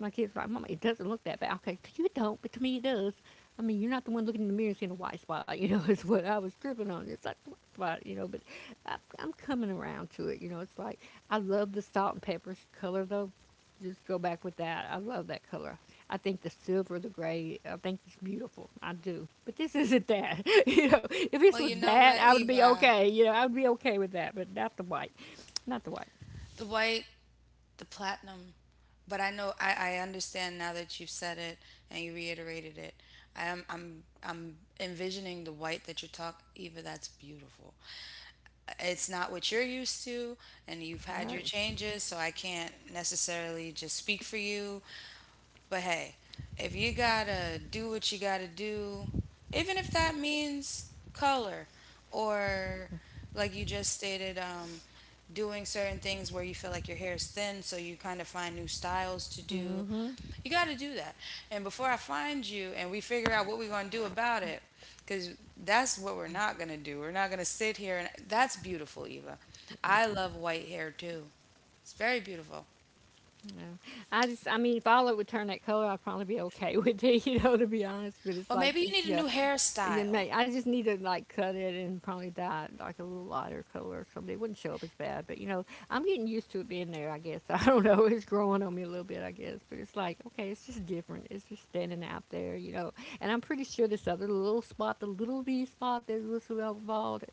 Speaker 2: my kids like, Mama, it doesn't look that bad. Okay, you don't, but to me it does. I mean, you're not the one looking in the mirror and seeing a white spot. You know, it's what I was tripping on. It's like a white spot. You know, but I'm coming around to it. You know, it's like I love the salt and pepper color though. Just go back with that. I love that color. I think the silver, the gray, I think it's beautiful. I do. But this isn't that. You know, if this
Speaker 1: Well, you
Speaker 2: was
Speaker 1: know
Speaker 2: that,
Speaker 1: what,
Speaker 2: I would be
Speaker 1: Eva?
Speaker 2: okay. You know, I would be okay with that, but not the white. Not the white.
Speaker 1: The white, the platinum. But I know I understand now that you've said it and you reiterated it. I am, I'm envisioning the white that you're talking, Eva, that's beautiful. It's not what you're used to, and you've had
Speaker 2: Right.
Speaker 1: your changes, so I can't necessarily just speak for you. But hey, if you gotta do what you gotta do, even if that means color, or like you just stated, doing certain things where you feel like your hair is thin, so you kind of find new styles to do,
Speaker 2: Mm-hmm.
Speaker 1: you gotta do that. And before I find you and we figure out what we're gonna do about it, because that's what we're not gonna do. We're not gonna sit here and that's beautiful, Eva.
Speaker 2: Yeah.
Speaker 1: I love white hair too. It's very beautiful.
Speaker 2: Yeah. I just, I mean, if all it would turn that color, I'd probably be okay with it, you know, to be honest. But it's
Speaker 1: Well, maybe
Speaker 2: like
Speaker 1: you
Speaker 2: just,
Speaker 1: need a
Speaker 2: yeah,
Speaker 1: new
Speaker 2: you know,
Speaker 1: hairstyle.
Speaker 2: I just need to like cut it and probably dye it like a little lighter color or something. It wouldn't show up as bad, but you know, I'm getting used to it being there. I guess I don't know. It's growing on me a little bit, I guess. But it's like, okay, it's just different. It's just standing out there, you know. And I'm pretty sure this other little spot, the little V spot, that was little bald,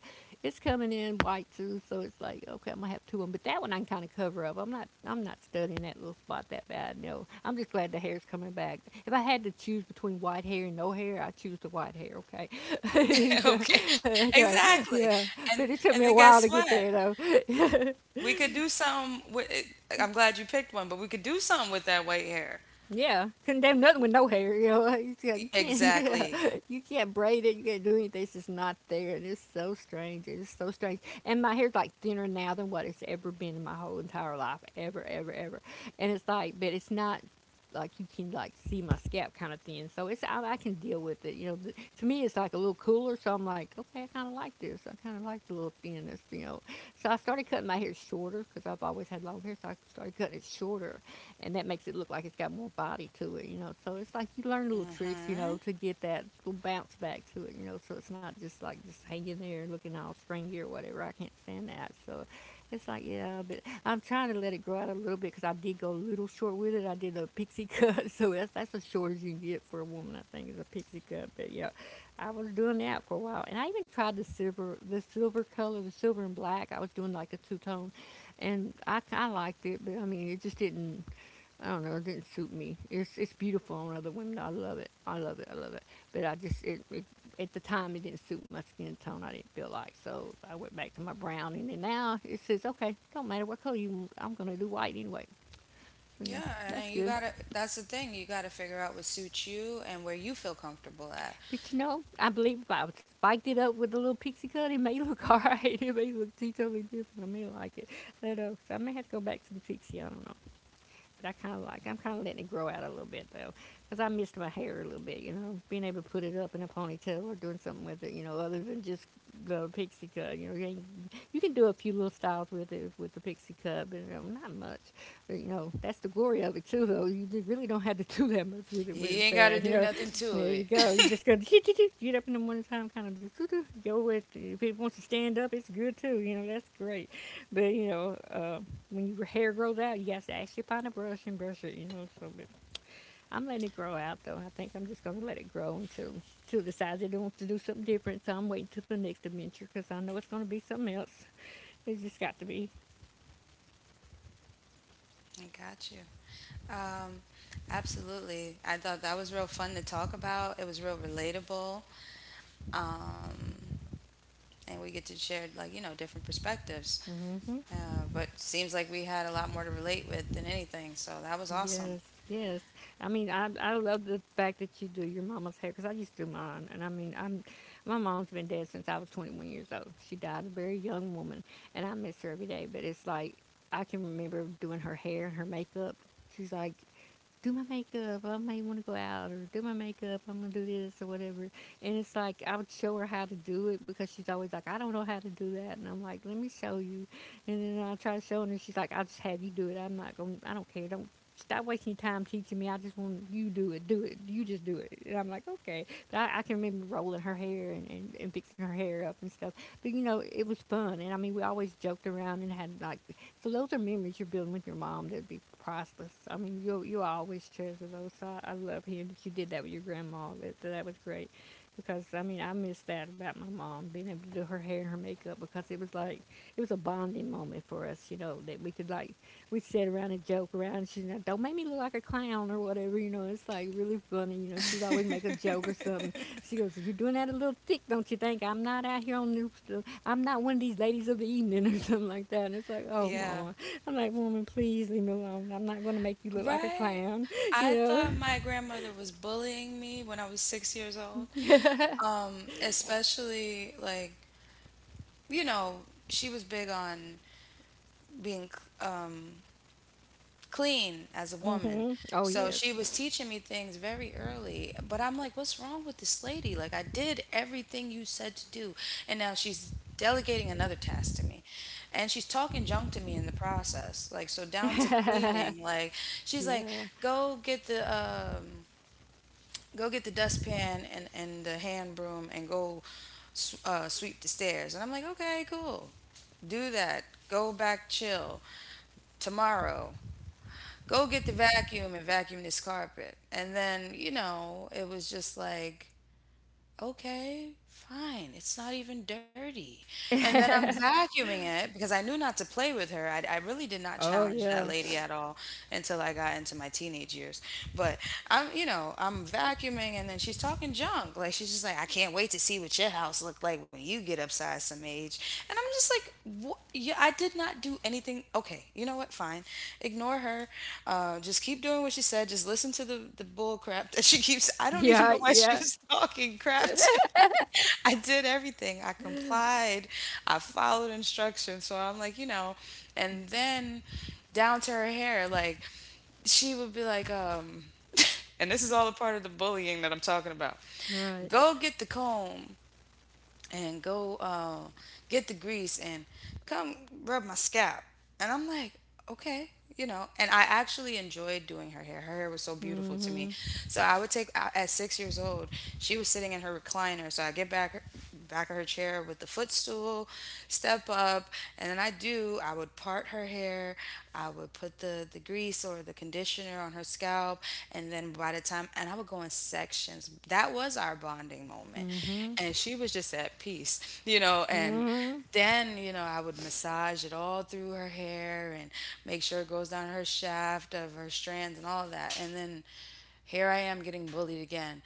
Speaker 2: it's coming in white too, so it's like okay, I'm gonna have two of them. But that one I can kind of cover up. I'm not studying that little spot that bad. No, I'm just glad the hair's coming back. If I had to choose between white hair and no hair, I choose the white hair. Okay, yeah.
Speaker 1: Okay,
Speaker 2: Okay,
Speaker 1: exactly.
Speaker 2: yeah.
Speaker 1: And
Speaker 2: But it took
Speaker 1: then
Speaker 2: me a
Speaker 1: guess
Speaker 2: while to
Speaker 1: what?
Speaker 2: get there though.
Speaker 1: We could do some with it. I'm glad you picked one, but we could do something with that white hair.
Speaker 2: Yeah, couldn't do nothing with no hair. You know, you can't. Yeah,
Speaker 1: Exactly.
Speaker 2: you can't braid it. You can't do anything. It's just not there, and it's so strange. It's so strange. And my hair's like thinner now than what it's ever been in my whole entire life, ever, ever, ever. And it's like, but it's not like you can like see my scalp kind of thin. So it's I can deal with it. You know, to me it's like a little cooler. So I'm like, okay, I kind of like this. I kind of like the little thinness. You know, so I started cutting my hair shorter because I've always had long hair. So I started cutting it shorter, and that makes it look like it's got more body to it, you know. So it's like you learn little tricks, you
Speaker 1: Mm-hmm.
Speaker 2: know, to get that little bounce back to it, you know. So it's not just like just hanging there and looking all stringy or whatever. I can't stand that. So it's like yeah, but I'm trying to let it grow out a little bit because I did go a little short with it. I did a pixie cut, so that's as short as you can get for a woman. I think is a pixie cut, but yeah, I was doing that for a while, and I even tried the silver color, the silver and black. I was doing like a two tone, and I kind of liked it, but I mean, it just didn't, I don't know. It didn't suit me. It's beautiful on other women. I love it. I love it. I love it. But I just it at the time it didn't suit my skin tone. I didn't feel like so. I went back to my brown, and then now it says okay. Don't matter what color you want, I'm gonna do white anyway. So yeah,
Speaker 1: Yeah, and
Speaker 2: that's
Speaker 1: then you
Speaker 2: good.
Speaker 1: gotta, that's the thing, you gotta figure out what suits you and where you feel comfortable at.
Speaker 2: But you know, I believe if I spiked it up with a little pixie cut, it may look alright. It may look totally different. I may like it. I don't know. So I may have to go back to the pixie. I don't know. But I kind of like, I'm kind of letting it grow out a little bit though, because I missed my hair a little bit, you know, being able to put it up in a ponytail or doing something with it, you know, other than just the pixie cut. You know, you, you can do a few little styles with it with the pixie cut, but you know, not much. But, you know, that's the glory of it too, though. You really don't have to do that much with it
Speaker 1: You
Speaker 2: when it's
Speaker 1: ain't
Speaker 2: there.
Speaker 1: gotta
Speaker 2: You
Speaker 1: do
Speaker 2: know,
Speaker 1: nothing to
Speaker 2: there you
Speaker 1: it.
Speaker 2: go. You just go get up in the morning time, kind of just go with it. If it wants to stand up, it's good too. You know, that's great. But you know, when your hair grows out, you have to actually find a brush and brush it, you know. So, but I'm letting it grow out, though. I think I'm just gonna let it grow until till decides it wants to do something different. So I'm waiting till the next adventure because I know it's gonna be something else. It's just got to be.
Speaker 1: I got you. Um, absolutely. I thought that was real fun to talk about. It was real relatable. Um, and we get to share, like, you know, different perspectives.
Speaker 2: Mm hmm
Speaker 1: But seems like we had a lot more to relate with than anything, so that was awesome.
Speaker 2: Yes, yes. I mean, I love the fact that you do your mama's hair because I used to do mine, and I mean, I'm my mom's been dead since I was 21 years old. She died a very young woman, and I miss her every day. But it's like I can remember doing her hair and her makeup. She's like, do my makeup. I may want to go out or do my makeup. I'm going to do this or whatever. And it's like, I would show her how to do it because she's always like, I don't know how to do that. And I'm like, let me show you. And then I try to show her and she's like, I'll just have you do it. I'm not going, to I don't care. Don't stop wasting your time teaching me. I just want you do it. Do it. You just do it. And I'm like, okay. But I can remember rolling her hair and fixing her hair up and stuff. But you know, it was fun. And I mean, we always joked around and had like so those are memories you're building with your mom that'd be priceless. I mean, you'll always treasure those. So I love hearing that you did that with your grandma. That was great, because I mean I miss that about my mom being able to do her hair and her makeup because it was like it was a bonding moment for us. You know that we could like we'd sit around and joke around. And she's like, "Don't make me look like a clown or whatever." You know, it's like really funny. You know, she'd always make a joke or something. She goes, "You're doing that a little thick, don't you think? I'm not out here on this, I'm not one of these ladies of the evening or something like that." And it's like, "Oh,
Speaker 1: yeah,
Speaker 2: mama." I'm like, "Woman, please leave me alone. I'm not going to make you look like a
Speaker 1: right.
Speaker 2: clown, you
Speaker 1: I
Speaker 2: know?"
Speaker 1: thought my grandmother was bullying me when I was 6 years old. Especially like, you know, she was big on being clean as a woman.
Speaker 2: Mm-hmm. Oh,
Speaker 1: So she was
Speaker 2: yes.
Speaker 1: teaching me things very early, but I'm like, what's wrong with this lady? Like, I did everything you said to do, and now she's delegating another task to me. And she's talking junk to me in the process. Like, so down to cleaning, like, she's like,
Speaker 2: Yeah.
Speaker 1: go get the, um, go get the dustpan and the hand broom and go sweep the stairs. And I'm like, okay, cool. Do that. Go back, chill. Tomorrow, go get the vacuum and vacuum this carpet. And then, you know, it was just like, okay, fine. It's not even dirty. And then I'm vacuuming it because I knew not to play with her. I really did not
Speaker 2: Oh,
Speaker 1: challenge that
Speaker 2: yeah.
Speaker 1: lady at all until I got into my teenage years. But I'm, you know, I'm vacuuming and then she's talking junk. Like, she's just like, I can't wait to see what your house looked like when you get upside some age. And I'm just like, what? Yeah, I did not do anything. Okay, you know what? Fine. Ignore her. Just keep doing what she said. Just listen to the bull crap that she keeps. I don't even
Speaker 2: Yeah,
Speaker 1: know why she
Speaker 2: yeah.
Speaker 1: was talking crap to me. I did everything. I complied. I followed instructions. So I'm like, and then down to her hair, like she would be like, and this is all a part of the bullying that I'm talking about.
Speaker 2: Right.
Speaker 1: Go get the comb and go get the grease and come rub my scalp. And I'm like, okay. And I actually enjoyed doing her hair. Her hair was so beautiful
Speaker 2: Mm
Speaker 1: to me.
Speaker 2: hmm.
Speaker 1: So I would take at 6 years old. She was sitting in her recliner, so I get back of her chair with the footstool, step up, and then I do. I would part her hair. I would put the grease or the conditioner on her scalp, and then by the time and I would go in sections. That was our bonding moment.
Speaker 2: Mm hmm.
Speaker 1: And she was just at peace,
Speaker 2: Mm
Speaker 1: and
Speaker 2: hmm.
Speaker 1: then, I would massage it all through her hair and make sure it goes down her shaft of her strands and all of that. And then here I am getting bullied again.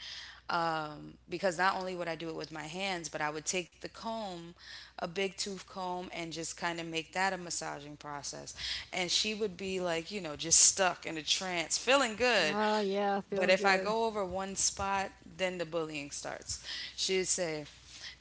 Speaker 1: Because not only would I do it with my hands, but I would take the comb, a big tooth comb, and just kind of make that a massaging process. And she would be like, just stuck in a trance, feeling good,
Speaker 2: Oh, yeah.
Speaker 1: but
Speaker 2: Feeling
Speaker 1: if I
Speaker 2: good.
Speaker 1: go over one spot, then the bullying starts. She'd say,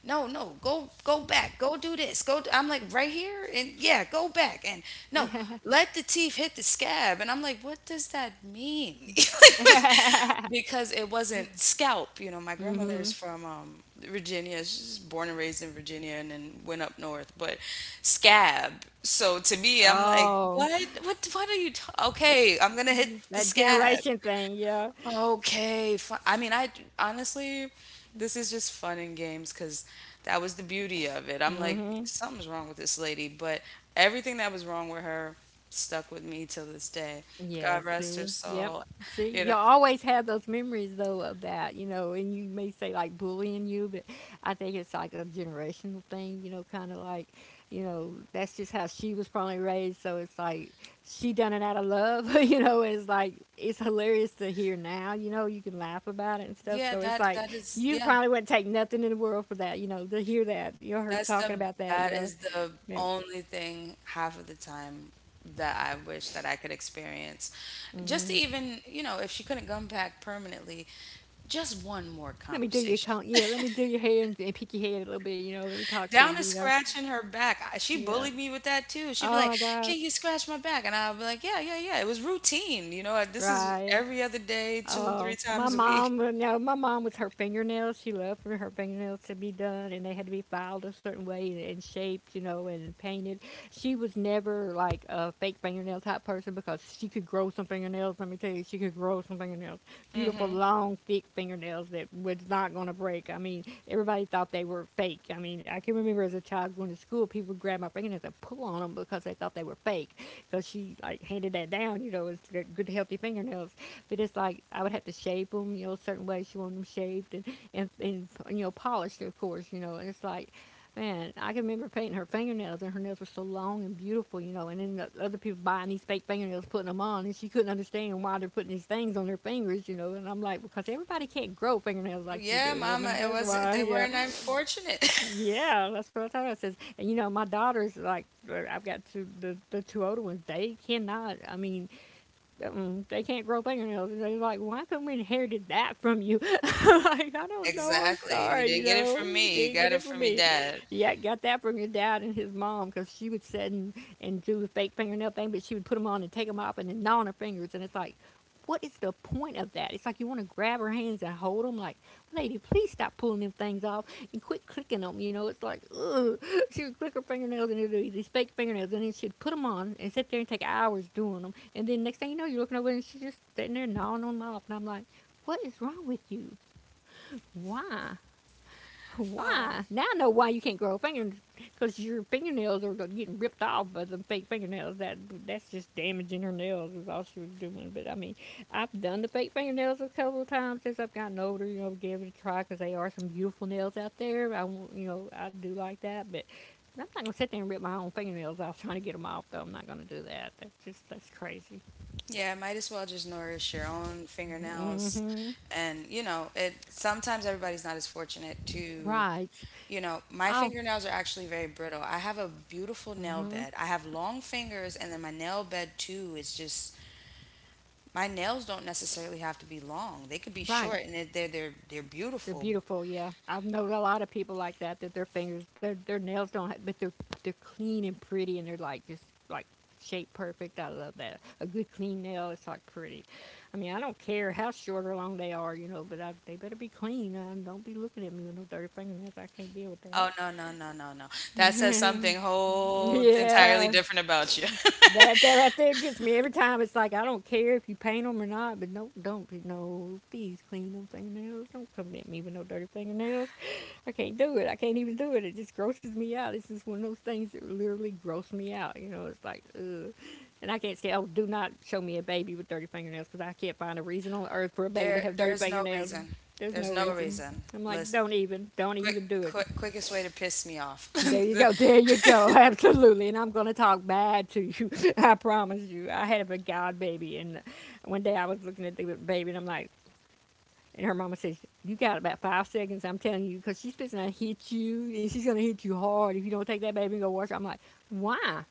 Speaker 1: "No, no, go back. Go do this. Go. I'm like, right here?" And yeah, go back. And no, let the teeth hit the scab. And I'm like, "What does that mean?"
Speaker 2: mm
Speaker 1: Because it wasn't scalp. My
Speaker 2: hmm.
Speaker 1: grandmother's from Virginia. She's born and raised in Virginia, and then went up north. But scab. So to me, I'm like,
Speaker 2: Oh,
Speaker 1: what? What? What are you? Okay, I'm gonna hit the
Speaker 2: that
Speaker 1: scab.
Speaker 2: generation thing, yeah.
Speaker 1: Okay, fun. I mean, I honestly, this is just fun and games because that was the beauty of it. I'm
Speaker 2: Mm
Speaker 1: like,
Speaker 2: hmm.
Speaker 1: something's wrong with this lady, but everything that was wrong with her stuck with me till this day.
Speaker 2: Yeah,
Speaker 1: God rest her
Speaker 2: see? Yep.
Speaker 1: soul.
Speaker 2: See?
Speaker 1: You know,
Speaker 2: You always have those memories though of that, you know, and you may say like bullying you, but I think it's like a generational thing, you know, kind of like, you know, that's just how she was probably raised, so it's like she done it out of love, you know, and it's like it's hilarious to hear now, you know, you can laugh about it and stuff.
Speaker 1: yeah,
Speaker 2: So it's
Speaker 1: that
Speaker 2: like
Speaker 1: that is,
Speaker 2: you
Speaker 1: yeah,
Speaker 2: probably wouldn't take nothing in the world for that, you know, to hear that, you know, her
Speaker 1: that's
Speaker 2: talking
Speaker 1: the
Speaker 2: about that, you
Speaker 1: that
Speaker 2: know.
Speaker 1: is the
Speaker 2: Yeah.
Speaker 1: only thing half of the time that I wish that I could experience. Just to even, if she couldn't come back permanently, just one more
Speaker 2: Let me do your
Speaker 1: conversation
Speaker 2: count. Yeah, let me do your hair and pick your head a little bit. You know, let me talk to
Speaker 1: down to
Speaker 2: you. You know,
Speaker 1: scratching her back. She
Speaker 2: yeah.
Speaker 1: bullied me with that too. She'd be
Speaker 2: Oh
Speaker 1: like,
Speaker 2: my gosh,
Speaker 1: "Can you scratch my back?" And I'll be like, "Yeah, yeah, yeah." It was routine. This is
Speaker 2: right?
Speaker 1: every other day, two and
Speaker 2: Uh,
Speaker 1: three
Speaker 2: my
Speaker 1: times a week.
Speaker 2: mom, you know, my mom was her fingernails. She loved for her fingernails to be done, and they had to be filed a certain way and shaped, you know, and painted. She was never like a fake fingernail type person because she could grow some fingernails. Let me tell you, she could grow some fingernails. Beautiful,
Speaker 1: Hmm.
Speaker 2: long, thick fingernails that was not going to break. I mean, everybody thought they were fake. I mean, I can remember as a child going to school, people would grab my fingernails and pull on them because they thought they were fake. Because she like handed that down, you know, it's good healthy fingernails. But it's like I would have to shape them, you know, certain ways you want them shaped and, and you know, polished, of course, you know. And it's like, man, I can remember painting her fingernails, and her nails were so long and beautiful, you know. And then the other people buying these fake fingernails, putting them on, and she couldn't understand why they're putting these things on their fingers, you know. And I'm like, because everybody can't grow fingernails like you
Speaker 1: Yeah,
Speaker 2: do,
Speaker 1: Mama.
Speaker 2: woman.
Speaker 1: It
Speaker 2: That's
Speaker 1: was.
Speaker 2: why.
Speaker 1: They
Speaker 2: Yeah,
Speaker 1: weren't unfortunate.
Speaker 2: yeah, that's what I told her. I says, and you know, my daughter's like, I've got two, the two older ones. They cannot. I mean, they can't grow fingernails. And they're like, "Why couldn't we inherited that from you? Like, I don't know. I'm
Speaker 1: Exactly. You
Speaker 2: sorry. You
Speaker 1: didn't get it
Speaker 2: know,
Speaker 1: from
Speaker 2: you
Speaker 1: me. You
Speaker 2: didn't get
Speaker 1: got it
Speaker 2: it from
Speaker 1: from your
Speaker 2: me."
Speaker 1: dad.
Speaker 2: Yeah, got that from your dad and his mom because she would sit and do the fake fingernail thing, but she would put them on and take them off and then gnaw on her fingers. And it's like, what is the point of that? It's like you want to grab her hands and hold them. Like, lady, please stop pulling them things off and quit clicking them. You know, it's like, ugh. She would click her fingernails and do these fake fingernails, and then she'd put them on and sit there and take hours doing them. And then next thing you know, you're looking over and she's just sitting there gnawing on my off. And I'm like, what is wrong with you? Why?
Speaker 1: Um,
Speaker 2: Why? Now I know why you can't grow fingers because your fingernails are getting ripped off by the fake fingernails. That's just damaging her nails, is all she was doing. But I mean, I've done the fake fingernails a couple of times since I've gotten older, you know, give it a try because they are some beautiful nails out there. I won't, you know, I do like that. But I'm not gonna sit there and rip my own fingernails off trying to get them off, though. I'm not gonna do that. That's just that's crazy.
Speaker 1: yeah, might as well just nourish your own
Speaker 2: Mm
Speaker 1: fingernails.
Speaker 2: hmm.
Speaker 1: And, it sometimes everybody's not as fortunate to.
Speaker 2: Right.
Speaker 1: My
Speaker 2: Oh,
Speaker 1: fingernails are actually very brittle. I have a beautiful nail
Speaker 2: hmm.
Speaker 1: bed. I have long fingers, and then my nail bed too is just my nails don't necessarily have to be long. They could be
Speaker 2: Right.
Speaker 1: short, and they're
Speaker 2: They're
Speaker 1: beautiful.
Speaker 2: beautiful. Yeah, I've known a lot of people like that. That their fingers, their nails don't, have, but they're clean and pretty, and they're like just like shaped perfect. I love that. A good clean nail is like pretty. I mean, I don't care how short or long they are, you know, but I, they better be clean. Don't be looking at me with no dirty fingernails. I can't deal with
Speaker 1: Oh, no, no, no, no, no! That says
Speaker 2: that.
Speaker 1: something whole entirely
Speaker 2: Yeah.
Speaker 1: different about you.
Speaker 2: That that right there gets me every time. It's like I don't care if you paint them or not, but no, don't no. Please clean them fingernails. Don't come at me with no dirty fingernails. I can't do it. I can't even do it. It just grosses me out. It's just one of those things that literally gross me out. You know, it's like, ugh. And I can't say, oh, do not show me a baby with dirty fingernails because I can't find a reason on earth for a baby to
Speaker 1: There,
Speaker 2: have dirty
Speaker 1: there's no
Speaker 2: fingernails.
Speaker 1: reason.
Speaker 2: There's
Speaker 1: There's
Speaker 2: no
Speaker 1: no
Speaker 2: reason.
Speaker 1: reason.
Speaker 2: I'm like,
Speaker 1: Let's
Speaker 2: don't even, don't
Speaker 1: quick,
Speaker 2: even do it.
Speaker 1: quickest way to piss me off.
Speaker 2: There you
Speaker 1: The-
Speaker 2: go. There you go. Absolutely. And I'm going to talk bad to you. I promise you. I had a god baby, and one day I was looking at the baby, and I'm like, and her mama says, "You got about 5 seconds, I'm telling you, because she's fixing to hit you, and she's going to hit you hard if you don't take that baby and go wash her." I'm like, "Why?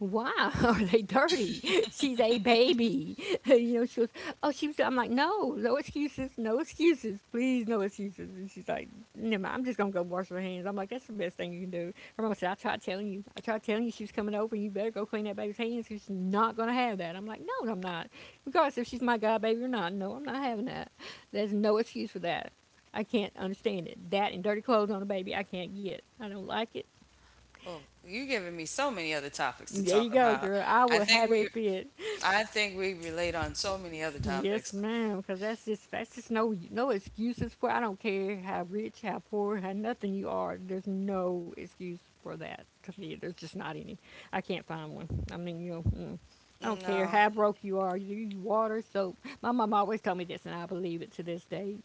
Speaker 2: Why are they dirty? She's a baby." You know, she goes, "Oh, she was," I'm like, "No, no excuses, no excuses, please, no excuses." And she's like, "Never mind, I'm just going to go wash her hands." I'm like, "That's the best thing you can do." Her mom said, "I tried telling you, I tried telling you she was coming over, you better go clean that baby's hands because she's not going to have that." I'm like, "No, I'm not. Regardless if she's my god baby or not, no, I'm not having that. There's no excuse for that." I can't understand it. That and dirty clothes on a baby, I can't get. I don't like it.
Speaker 1: oh, you giving me so many other topics to
Speaker 2: There
Speaker 1: talk
Speaker 2: you go,
Speaker 1: about.
Speaker 2: girl. I
Speaker 1: I
Speaker 2: will
Speaker 1: think
Speaker 2: have a
Speaker 1: we
Speaker 2: fit.
Speaker 1: I think we relate on so many other
Speaker 2: Yes,
Speaker 1: topics.
Speaker 2: ma'am, because that's just no no excuses for. I don't care how rich, how poor, how nothing you are. There's no excuse for that to me. There's just not any. I can't find one. I mean, you know, I don't care
Speaker 1: No,
Speaker 2: how broke you are. You use water, soap. My mom always told me this, and I believe it to this day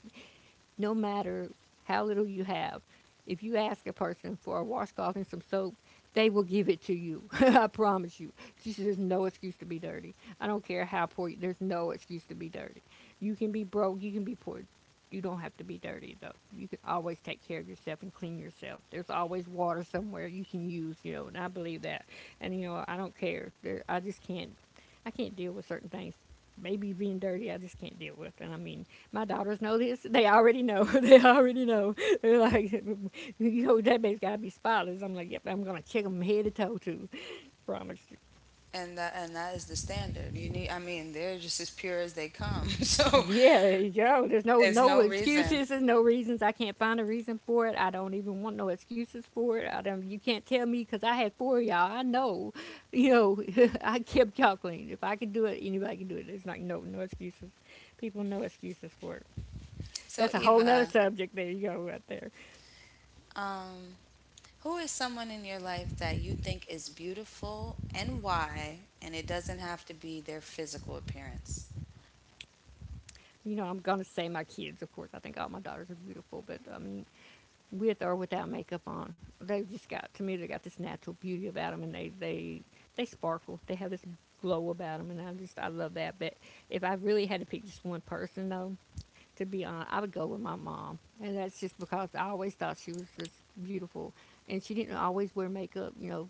Speaker 2: no matter how little you have, if you ask a person for a washcloth and some soap, they will give it to you. I promise you. She says, "There's no excuse to be dirty. I don't care how poor you there's no excuse to be dirty. You can be broke, you can be poor. You don't have to be dirty though. You can always take care of yourself and clean yourself. There's always water somewhere you can use," you know, and I believe that. And you know, I don't care. There, I just can't I can't deal with certain things maybe being dirty I just can't deal with. And I mean, my daughters know this. They already know. They already know. They're like, you know, "That baby's got to be spotless." I'm like, yep, I'm going to check them head to toe, too. Promise.
Speaker 1: and that is the standard. You need, I mean, they're just as pure as they come. So
Speaker 2: Yeah, yo, there's no
Speaker 1: it's
Speaker 2: no
Speaker 1: no reason.
Speaker 2: excuses. There's no reasons. I can't find a reason for it. I don't even want no excuses for it. I don't. You can't tell me because I had 4 of y'all. I know. You know, I kept y'all clean. If I could do it, anybody can do it. It's like no no excuses. People no excuses for it.
Speaker 1: So,
Speaker 2: That's a whole nother
Speaker 1: Eva,
Speaker 2: subject. There you go, right there.
Speaker 1: um, who is someone in your life that you think is beautiful and why? And it doesn't have to be their physical appearance.
Speaker 2: You know, I'm gonna say my kids, of course. I think all my daughters are beautiful, but I mean, with or without makeup on. They've just got to me. They got this natural beauty about them, and they sparkle. They have this glow about them, and I just I love that. But if I really had to pick just one person, though, to be honest, I would go with my mom, and that's just because I always thought she was just beautiful, and she didn't always wear makeup. You know,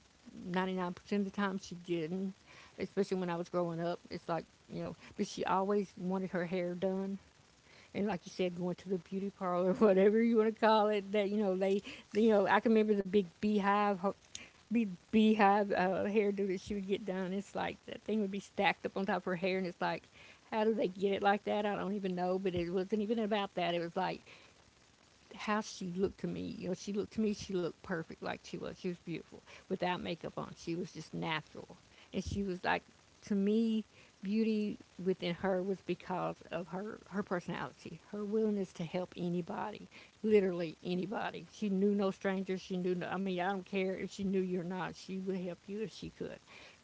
Speaker 2: 99% of the time she didn't, especially when I was growing up. It's like you know, but she always wanted her hair done, and like you said, going to the beauty parlor, whatever you want to call it. That you know they, you know, I can remember the big beehive, big beehive hairdo that she would get done. It's like that thing would be stacked up on top of her hair, and it's like, how do they get it like that? I don't even know. But it wasn't even about that. It was like how she looked to me. You know, she looked to me. She looked perfect, like she was. She was beautiful without makeup on. She was just natural, and she was like to me. Beauty within her was because of her personality, her willingness to help anybody, literally anybody. She knew no strangers. She knew no. I mean, I don't care if she knew you or not. She would help you if she could.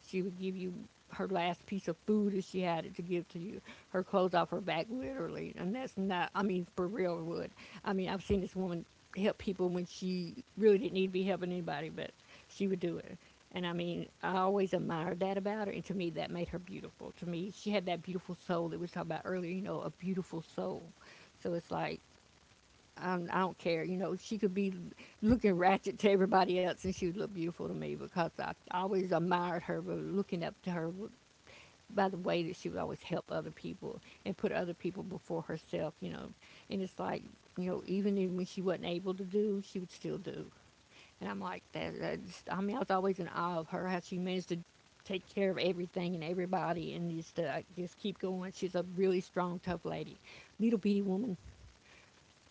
Speaker 2: She would give you her last piece of food if she had it to give to you. Her clothes off her back, literally. And that's not, I mean, for real would. I mean, I've seen this woman help people when she really didn't need to be helping anybody, but she would do it. And I mean, I always admired that about her. And to me, that made her beautiful. To me, she had that beautiful soul that we talked about earlier, you know, a beautiful soul. So it's like, I'm, I don't care. You know, she could be looking ratchet to everybody else, and she would look beautiful to me because I always admired her, but looking up to her by the way that she would always help other people and put other people before herself. You know, and it's like you know, even when she wasn't able to do, she would still do. And I'm like, that just, I mean, I was always in awe of her how she managed to take care of everything and everybody and just keep going. She's a really strong, tough lady, little bitty woman,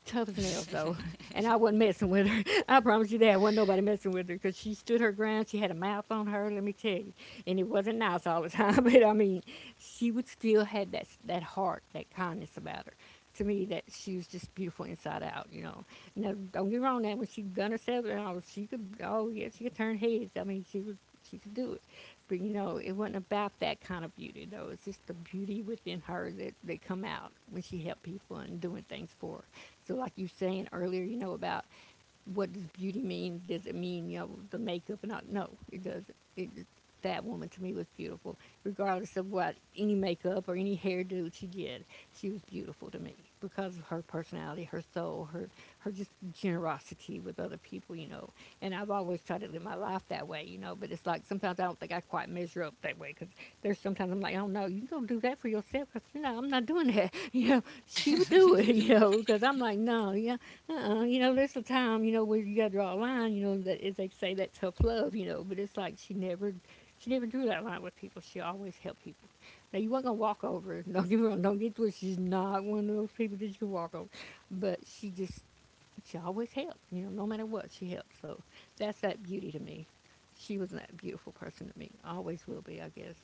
Speaker 2: tough as nails though, and I wasn't messing with her. I promise you that wasn't nobody messing with her because she stood her ground. She had a mouth on her, let me tell you, and it wasn't nice all the time. But I mean, she would still had that heart, that kindness about her. To me, that she was just beautiful inside out, you know. Now, don't get wrong, that when she done herself, and all, she could. Oh yeah, she could turn heads. I mean, she was she could do it. But you know, it wasn't about that kind of beauty though. It's just the beauty within her that, that come out when she helped people and doing things for her. So, like you saying earlier, you know, about what does beauty mean? Does it mean you know the makeup? And all? No, it doesn't. It that woman to me was beautiful, regardless of what any makeup or any hairdo she did. She was beautiful to me because of her personality, her soul, her just generosity with other people, you know. And I've always tried to live my life that way, you know. But it's like sometimes I don't think I quite measure up that way because there's sometimes I'm like, oh no, you gonna do that for yourself? Because you know I'm not doing that. You know, she would do it, you know. Because I'm like, no, yeah, uh-uh. You know, there's a time, you know, where you gotta draw a line, you know. That as they say, that tough love, you know. But it's like she never drew that line with people. She always helped people. Now you weren't gonna walk over her. Don't get me wrong. Don't get twisted. She's not one of those people that you can walk over. But she just, she always helped. You know, no matter what, she helped. So that's that beauty to me. She was that beautiful person to me. Always will be, I guess.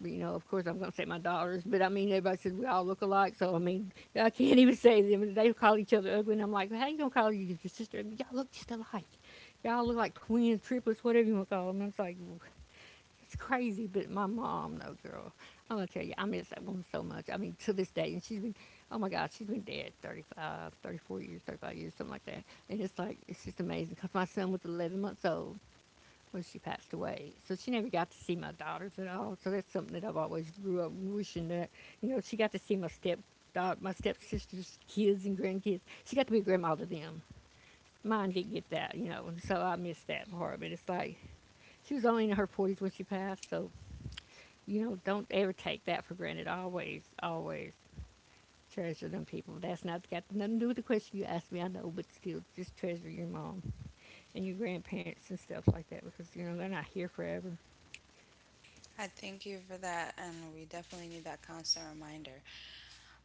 Speaker 2: But, you know, of course, I'm gonna say my daughters. But I mean, everybody says we all look alike. So I mean, I can't even say them. They call each other ugly, and I'm like, "Well, how you gonna call your sister ugly? Y'all look just alike. Y'all look like twins, triplets, whatever you want to call them." And it's like, it's crazy, but my mom, no girl, I'm gonna tell you, I miss that woman so much. I mean, to this day, and she's been, oh my God, she's been dead 35, 34 years, 35 years, something like that. And it's like, it's just amazing because my son was 11 months old when she passed away. So she never got to see my daughters at all. So that's something that I've always grew up wishing that, you know, she got to see my step my stepsister's kids and grandkids. She got to be a grandma to them. Mine didn't get that, you know, and so I miss that part. But it's like she was only in her 40s when she passed, so you know, don't ever take that for granted. Always, always treasure them people. That's not got nothing to do with the question you asked me. I know, but still, just treasure your mom and your grandparents and stuff like that because you know they're not here forever.
Speaker 1: I thank you for that, and we definitely need that constant reminder.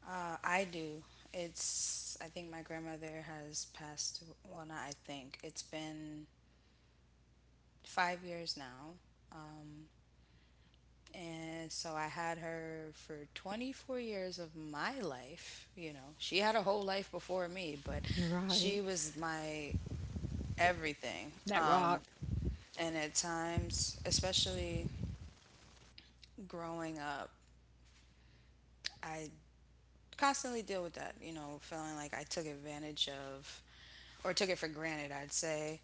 Speaker 1: I do. It's, I think my grandmother has passed, well, not I think, it's been 5 years now. Um, and so I had her for 24 years of my life. She had a whole life before me, but
Speaker 2: You're
Speaker 1: she
Speaker 2: right.
Speaker 1: was my everything.
Speaker 2: That
Speaker 1: Um,
Speaker 2: rock.
Speaker 1: and at times, especially growing up, I constantly deal with that, feeling like I took advantage of or took it for granted, I'd say.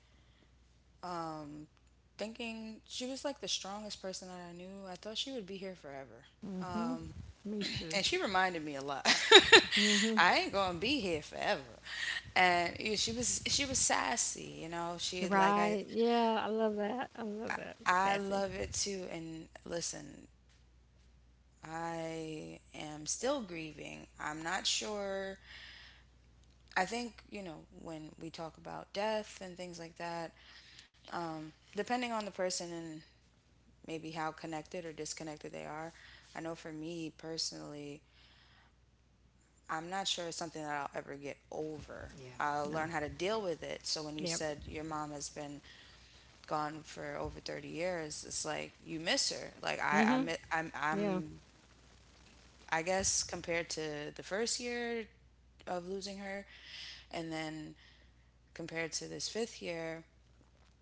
Speaker 1: Thinking she was like the strongest person that I knew. I thought she would be here forever.
Speaker 2: Mm hmm
Speaker 1: Um,
Speaker 2: Me too.
Speaker 1: and she reminded me a lot.
Speaker 2: Mm hmm
Speaker 1: I ain't gonna be here forever. And she was sassy. She
Speaker 2: You're
Speaker 1: had like, I
Speaker 2: right. Yeah, I love that. I love that.
Speaker 1: I
Speaker 2: Sassy.
Speaker 1: love it too. And listen, I am still grieving. I'm not sure. I think you know when we talk about death and things like that. Depending on the person and maybe how connected or disconnected they are. I know for me personally, I'm not sure it's something that I'll ever get over. I'll
Speaker 2: Yeah. No.
Speaker 1: learn how to deal with it. So when you
Speaker 2: Yep.
Speaker 1: said your mom has been gone for over 30 years, it's like you miss her. Like
Speaker 2: mm
Speaker 1: I
Speaker 2: hmm
Speaker 1: mi-
Speaker 2: Yeah.
Speaker 1: I'm I guess, compared to the first year of losing her, and then compared to this fifth year,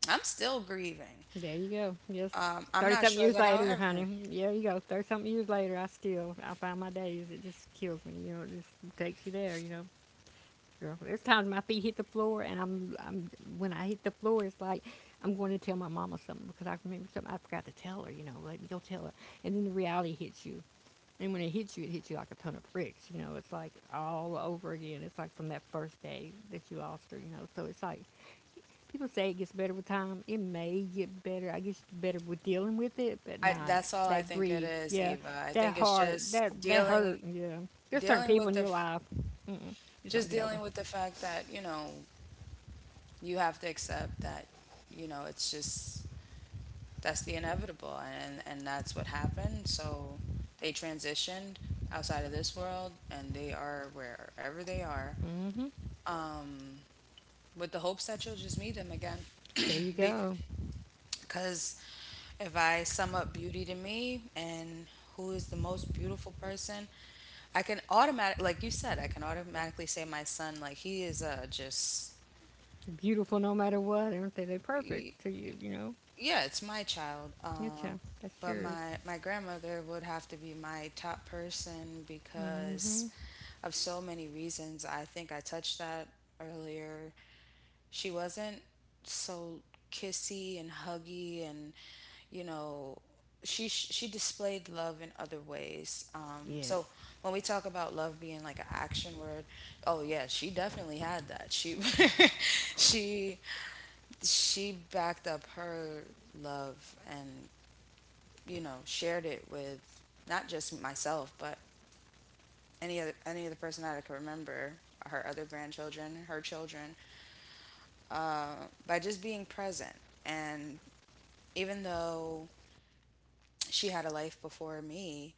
Speaker 1: I'm still grieving.
Speaker 2: There you go. Yes.
Speaker 1: I'm
Speaker 2: 30
Speaker 1: not
Speaker 2: something
Speaker 1: sure
Speaker 2: years
Speaker 1: that I'll
Speaker 2: later,
Speaker 1: ever.
Speaker 2: honey. Yeah, you go. 30 something years later, I still, I find my days. It just kills me. You know, it just takes you there, you know. Girl, there's times my feet hit the floor, and when I hit the floor, it's like, I'm going to tell my mama something because I remember something I forgot to tell her, you know, let me go tell her. And then the reality hits you. And when it hits you like a ton of bricks, you know, it's like all over again. It's like from that first day that you lost her, you know. So it's like, people say it gets better with time. It may get better. I guess it's better with dealing with it, but
Speaker 1: I,
Speaker 2: not
Speaker 1: that's all I
Speaker 2: that
Speaker 1: think it
Speaker 2: grief.
Speaker 1: is,
Speaker 2: Yeah,
Speaker 1: Eva. I
Speaker 2: that
Speaker 1: think it's
Speaker 2: hard, that hurt. Yeah, there's certain
Speaker 1: dealing
Speaker 2: people
Speaker 1: with
Speaker 2: in
Speaker 1: the
Speaker 2: your
Speaker 1: f-
Speaker 2: life you just
Speaker 1: just
Speaker 2: don't get
Speaker 1: dealing
Speaker 2: over.
Speaker 1: with the fact that you know you have to accept that it's just that's the inevitable, and that's what happened, so they transitioned outside of this world, and they are wherever they are,
Speaker 2: Hmm.
Speaker 1: um, with the hopes that you'll just meet them again.
Speaker 2: There you go.
Speaker 1: Because if I sum up beauty to me and who is the most beautiful person, I can automatic like you said, I can automatically say my son, like he is, just.
Speaker 2: Beautiful no matter what, aren't they? They're perfect to you. You know.
Speaker 1: Yeah, it's my child.
Speaker 2: Your
Speaker 1: Um,
Speaker 2: child. That's
Speaker 1: but
Speaker 2: yours.
Speaker 1: my grandmother would have to be my top person because
Speaker 2: Hmm.
Speaker 1: of so many reasons. I think I touched that earlier. She wasn't so kissy and huggy, and you know she displayed love in other ways. Um,
Speaker 2: Yes.
Speaker 1: so when we talk about love being like an action word, oh yeah, she definitely had that. She she she backed up her love, and shared it with not just myself but any other person that I could remember: her other grandchildren, her children, by just being present. And even though she had a life before me,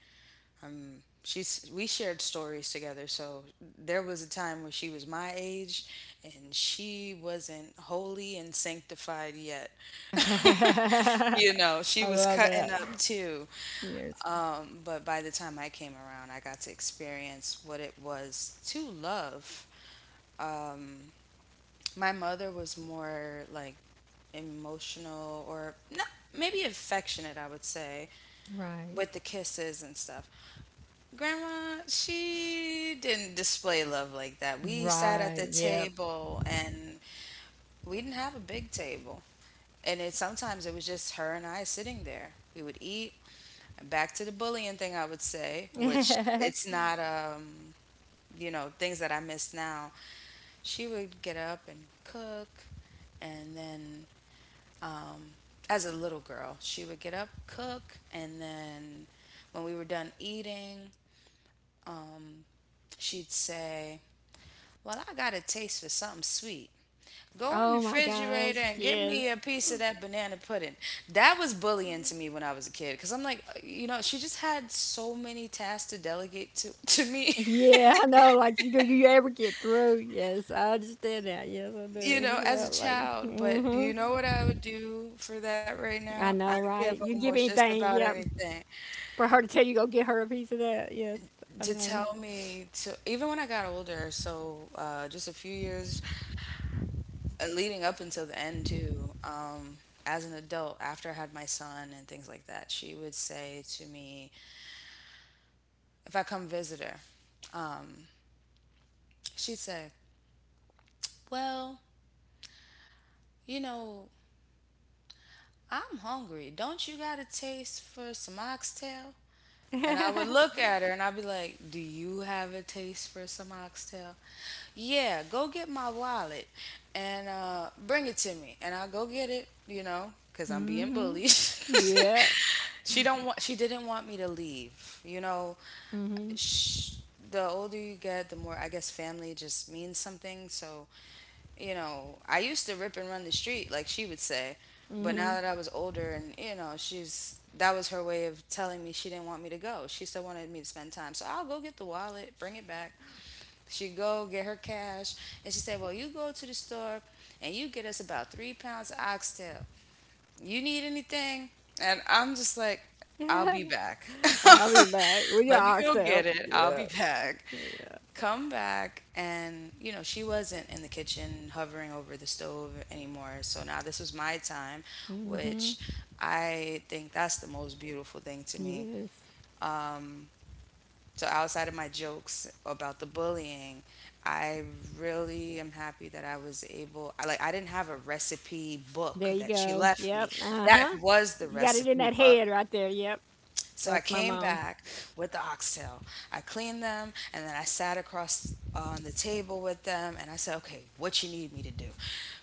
Speaker 1: um, she's we shared stories together. So there was a time when she was my age, and she wasn't holy and sanctified yet.
Speaker 2: I
Speaker 1: She was
Speaker 2: love
Speaker 1: cutting
Speaker 2: that.
Speaker 1: up too.
Speaker 2: Yes.
Speaker 1: But by the time I came around, I got to experience what it was to love. My mother was more like emotional or not, maybe affectionate, I would say,
Speaker 2: Right.
Speaker 1: with the kisses and stuff. Grandma, she didn't display love like that. We sat at the
Speaker 2: Right. Yep.
Speaker 1: table, and we didn't have a big table. And it sometimes it was just her and I sitting there. We would eat. Back to the bullying thing, I would say, which it's not, things that I miss now, she would get up and cook. And then, um, as a little girl, she would get up, cook. And then when we were done eating, she'd say, "Well, I got a taste for something sweet. Go in the
Speaker 2: Oh my gosh.
Speaker 1: refrigerator and get
Speaker 2: Yes.
Speaker 1: me a piece of that banana pudding." That was bullying to me when I was a kid because I'm like, she just had so many tasks to delegate to me.
Speaker 2: Yeah, I know. Like, you do you ever get through? Yes, I understand that. Yes, I
Speaker 1: you
Speaker 2: do.
Speaker 1: know, as
Speaker 2: Yeah,
Speaker 1: a
Speaker 2: like,
Speaker 1: child.
Speaker 2: mm
Speaker 1: But
Speaker 2: hmm
Speaker 1: you know what I would do for that right now?
Speaker 2: I
Speaker 1: I'd
Speaker 2: know,
Speaker 1: give
Speaker 2: right? You give
Speaker 1: almost just
Speaker 2: anything,
Speaker 1: about
Speaker 2: yep,
Speaker 1: anything
Speaker 2: for her to tell you go get her a piece of that. Yes, I
Speaker 1: to
Speaker 2: know.
Speaker 1: tell me to, even when I got older, so just a few years leading up until the end, too. As an adult, after I had my son and things like that, she would say to me, if I come visit her, um, she'd say, "Well, you know, I'm hungry. Don't you got a taste for some oxtail?"
Speaker 2: mm
Speaker 1: And I would look at her and I'd be like, "Do you have a taste for some oxtail? Yeah, go get my wallet and bring it to me." And I'll go get it, because I'm being
Speaker 2: hmm
Speaker 1: bullied.
Speaker 2: Yeah.
Speaker 1: She didn't want me to leave.
Speaker 2: mm hmm
Speaker 1: Sh The older you get, the more, I guess, family just means something, so I used to rip and run the street, like she would say.
Speaker 2: mm
Speaker 1: But
Speaker 2: hmm
Speaker 1: now that I was older and, you know, she's that was her way of telling me she didn't want me to go. She still wanted me to spend time. So I'll go get the wallet, bring it back. She'd go get her cash, and she said, "Well, you go to the store and you get us about 3 pounds of oxtail. You need anything?" And I'm just like, I'll
Speaker 2: Yeah.
Speaker 1: be back.
Speaker 2: I'll be back with your
Speaker 1: Let me go get
Speaker 2: oxtails.
Speaker 1: it. I'll
Speaker 2: Yeah.
Speaker 1: be back.
Speaker 2: Yeah.
Speaker 1: Come back. And, she wasn't in the kitchen hovering over the stove anymore. So now this was my time,
Speaker 2: mm hmm
Speaker 1: which I think that's the most beautiful thing to me.
Speaker 2: Yes.
Speaker 1: Um, so outside of my jokes about the bullying, I really am happy that I was able I like I didn't have a recipe book
Speaker 2: There you
Speaker 1: that she
Speaker 2: go.
Speaker 1: left me.
Speaker 2: Yep. Uh
Speaker 1: That
Speaker 2: huh.
Speaker 1: was the
Speaker 2: You got it in that
Speaker 1: recipe book.
Speaker 2: head right there. Yep.
Speaker 1: So I
Speaker 2: That's my
Speaker 1: came
Speaker 2: mom.
Speaker 1: back with the oxtail. I cleaned them and then I sat across on the table with them and I said, "Okay, what you need me to do?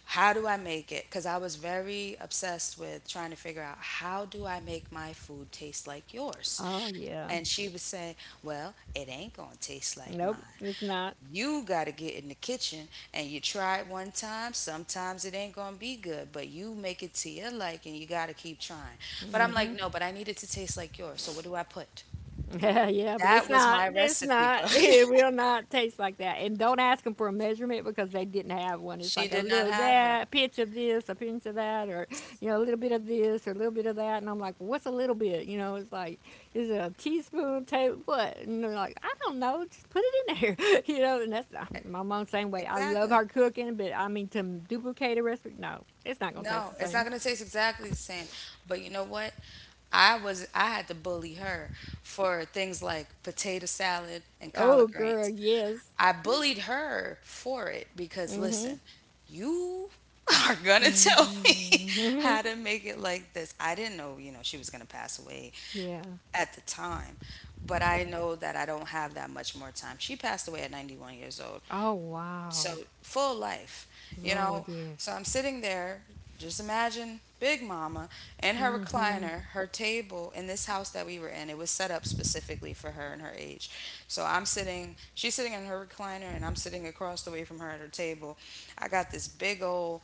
Speaker 1: How do I make it?" Cuz I was very obsessed with trying to figure out how do I make my food taste like yours?
Speaker 2: Oh yeah.
Speaker 1: And she would say, well, it ain't gonna taste like
Speaker 2: Nope,
Speaker 1: mine.
Speaker 2: it's not.
Speaker 1: You gotta get in the kitchen and you try it one time. Sometimes it ain't gonna be good, but you make it to your liking. You gotta keep trying. But I'm like, no, but I need it to taste like yours. So what do I put?
Speaker 2: Yeah, but it's
Speaker 1: That was
Speaker 2: not.
Speaker 1: my
Speaker 2: It's
Speaker 1: recipe
Speaker 2: not.
Speaker 1: book.
Speaker 2: It will not taste like that. And don't ask them for a measurement because they didn't have one. It's
Speaker 1: She
Speaker 2: like a
Speaker 1: did not
Speaker 2: little
Speaker 1: have it.
Speaker 2: that, a pinch of this, a pinch of that, or you know, a little bit of this, or a little bit of that. And I'm like, what's a little bit? You know, it's like, is it a teaspoon, table, what? And they're like, I don't know. Just put it in there. You know, and that's my mom same way. I love
Speaker 1: Exactly.
Speaker 2: her cooking, but I mean to duplicate a recipe, no, it's not gonna taste
Speaker 1: No,
Speaker 2: the
Speaker 1: it's not
Speaker 2: same.
Speaker 1: gonna taste exactly the same. But you know what? I had to bully her for things like potato salad and
Speaker 2: Oh,
Speaker 1: collard
Speaker 2: girl,
Speaker 1: greens.
Speaker 2: yes.
Speaker 1: I bullied her for it because
Speaker 2: Hmm.
Speaker 1: listen, you are gonna tell me how to make it like this. I didn't know, you know, she was gonna pass away
Speaker 2: Yeah.
Speaker 1: at the time, but I know that I don't have that much more time. She passed away at 91 years old,
Speaker 2: Oh
Speaker 1: so
Speaker 2: wow.
Speaker 1: full life, you know.
Speaker 2: Lord,
Speaker 1: So
Speaker 2: yes.
Speaker 1: I'm sitting there, just imagine big mama in her
Speaker 2: Mm-hmm.
Speaker 1: recliner, her table in this house that we were in, it was set up specifically for her and her age. So I'm sitting she's sitting in her recliner and I'm sitting across the way from her at her table. I got this big old,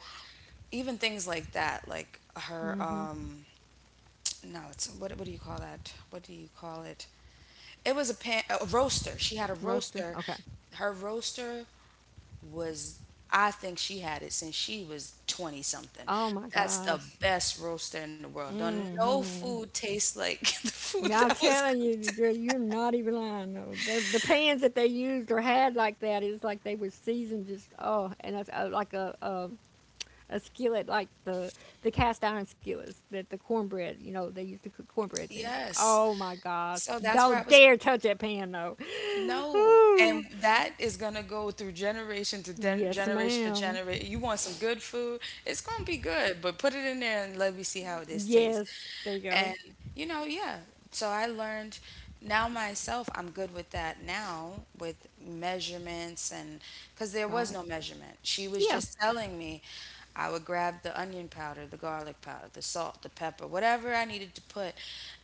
Speaker 1: even things like that, like her
Speaker 2: Mm-hmm.
Speaker 1: no it's what do you call that, what do you call it, it was a pan, a roaster, she had a
Speaker 2: Roaster.
Speaker 1: roaster.
Speaker 2: Okay.
Speaker 1: Her roaster was, I think she had it since she was 20 something.
Speaker 2: Oh my
Speaker 1: That's the
Speaker 2: gosh.
Speaker 1: best roaster in the world. Don't no
Speaker 2: Mm-hmm.
Speaker 1: food tastes like the food
Speaker 2: Now I'm
Speaker 1: that was
Speaker 2: telling
Speaker 1: cooked.
Speaker 2: you, girl, you're not even lying, though. They, the pans that they used or had like that, it's like they were seasoned just oh, and that's like a skillet like the cast iron skillets that the cornbread, you know, they used to cook cornbreads in.
Speaker 1: Yes.
Speaker 2: Oh my gosh.
Speaker 1: So that's where I
Speaker 2: Don't
Speaker 1: was.
Speaker 2: dare touch that pan though.
Speaker 1: No. And
Speaker 2: Ooh.
Speaker 1: that is gonna go through
Speaker 2: Yes,
Speaker 1: generation to
Speaker 2: ma'am.
Speaker 1: generation. You want some good food, it's gonna be good, but put it in there and let me see how this tastes.
Speaker 2: Yes, there you go.
Speaker 1: And, you know, yeah. So I learned, now myself, I'm good with that now with measurements and, because there was
Speaker 2: Right.
Speaker 1: no measurement. She was
Speaker 2: Yeah.
Speaker 1: just telling me. I would grab the onion powder, the garlic powder, the salt, the pepper, whatever I needed to put.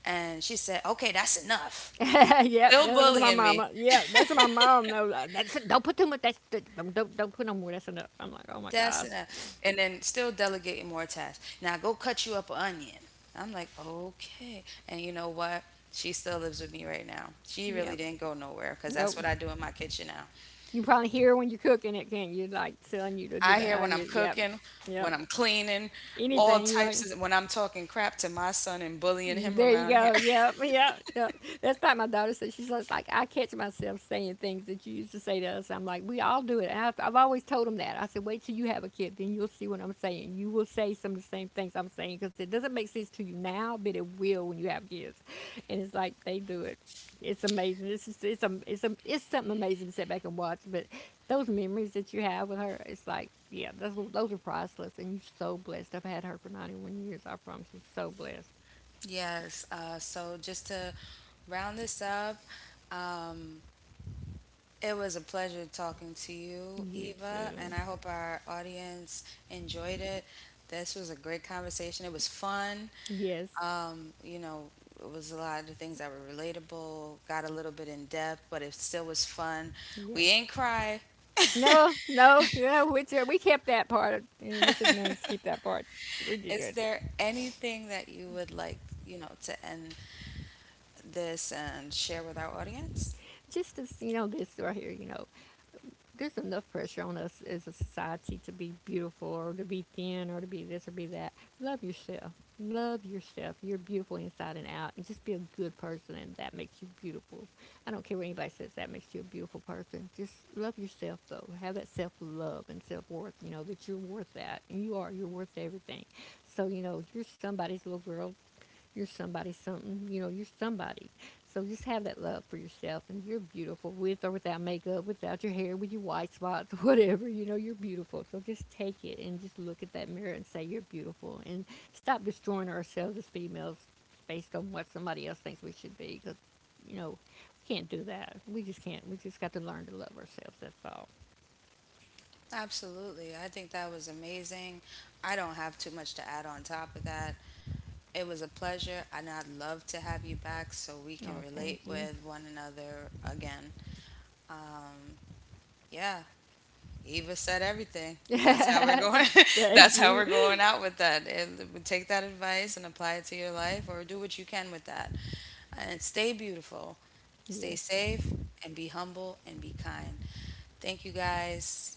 Speaker 1: And she said, okay, that's enough.
Speaker 2: Yep,
Speaker 1: Still
Speaker 2: that was my
Speaker 1: bullying me.
Speaker 2: mama. Yeah, that's what my mom knows. Like, that's don't put too much. That's don't don't put no more. That's enough. I'm like, oh my
Speaker 1: That's
Speaker 2: gosh.
Speaker 1: enough. And then still delegating more tasks. Now go cut you up an onion. I'm like, okay. And you know what? She still lives with me right now. She really
Speaker 2: Yep.
Speaker 1: didn't go nowhere because
Speaker 2: Nope.
Speaker 1: that's what I do in my kitchen now.
Speaker 2: You probably hear when you're cooking it, can't you? Like telling you to do
Speaker 1: I
Speaker 2: that
Speaker 1: hear when I'm
Speaker 2: onion. Yep.
Speaker 1: cooking, when
Speaker 2: Yep.
Speaker 1: I'm cleaning, all
Speaker 2: Anything, right?
Speaker 1: types of when I'm talking crap to my son and bullying him
Speaker 2: There you
Speaker 1: around here.
Speaker 2: go. Yep, yep, yep. That's like my daughter said. She says, like, I catch myself saying things that you used to say to us. I'm like, we all do it. And I've always told them that. I said, wait till you have a kid, then you'll see what I'm saying. You will say some of the same things I'm saying because it doesn't make sense to you now, but it will when you have kids. And it's like they do it. It's amazing. It's just, it's something amazing to sit back and watch. But those memories that you have with her, it's like, yeah, those are priceless. And you're so blessed. I've had her for 91 years. I promise you, so blessed.
Speaker 1: Yes. So just to round this up, it was a pleasure talking to you,
Speaker 2: You too.
Speaker 1: Eva, and I hope our audience enjoyed it. This was a great conversation. It was fun.
Speaker 2: Yes,
Speaker 1: You know, it was a lot of things that were relatable, got a little bit in depth, but it still was fun. We
Speaker 2: yes.
Speaker 1: ain't cry.
Speaker 2: No, no, no. Wizard, we kept that part. You Wizard managed to keep that part. We did
Speaker 1: Is
Speaker 2: good.
Speaker 1: there anything that you would like, you know, to end this and share with our audience?
Speaker 2: Just as you know, this right here, you know, there's enough pressure on us as a society to be beautiful or to be thin or to be this or be that. Love yourself. Love yourself. You're beautiful inside and out. And just be a good person, and that makes you beautiful. I don't care what anybody says, that makes you a beautiful person. Just love yourself, though. Have that self love and self worth, you know, that you're worth that. And you are. You're worth everything. So, you know, you're somebody's little girl. You're somebody something. You know, you're somebody. So just have that love for yourself, and you're beautiful with or without makeup, without your hair, with your white spots, whatever. You know, you're beautiful. So just take it and just look at that mirror and say, you're beautiful. And stop destroying ourselves as females based on what somebody else thinks we should be because, you know, we can't do that. We just can't. We just got to learn to love ourselves. That's all.
Speaker 1: Absolutely. I think that was amazing. I don't have too much to add on top of that. It was a pleasure, and I'd love to have you back so we can
Speaker 2: Oh, thank
Speaker 1: relate
Speaker 2: you.
Speaker 1: with one another again. Yeah, Eva said everything. That's how we're going.
Speaker 2: Thank
Speaker 1: That's how
Speaker 2: you.
Speaker 1: we're going out with that. And take that advice and apply it to your life, or do what you can with that. And stay beautiful, stay
Speaker 2: Yes.
Speaker 1: safe, and be humble and be kind. Thank you guys.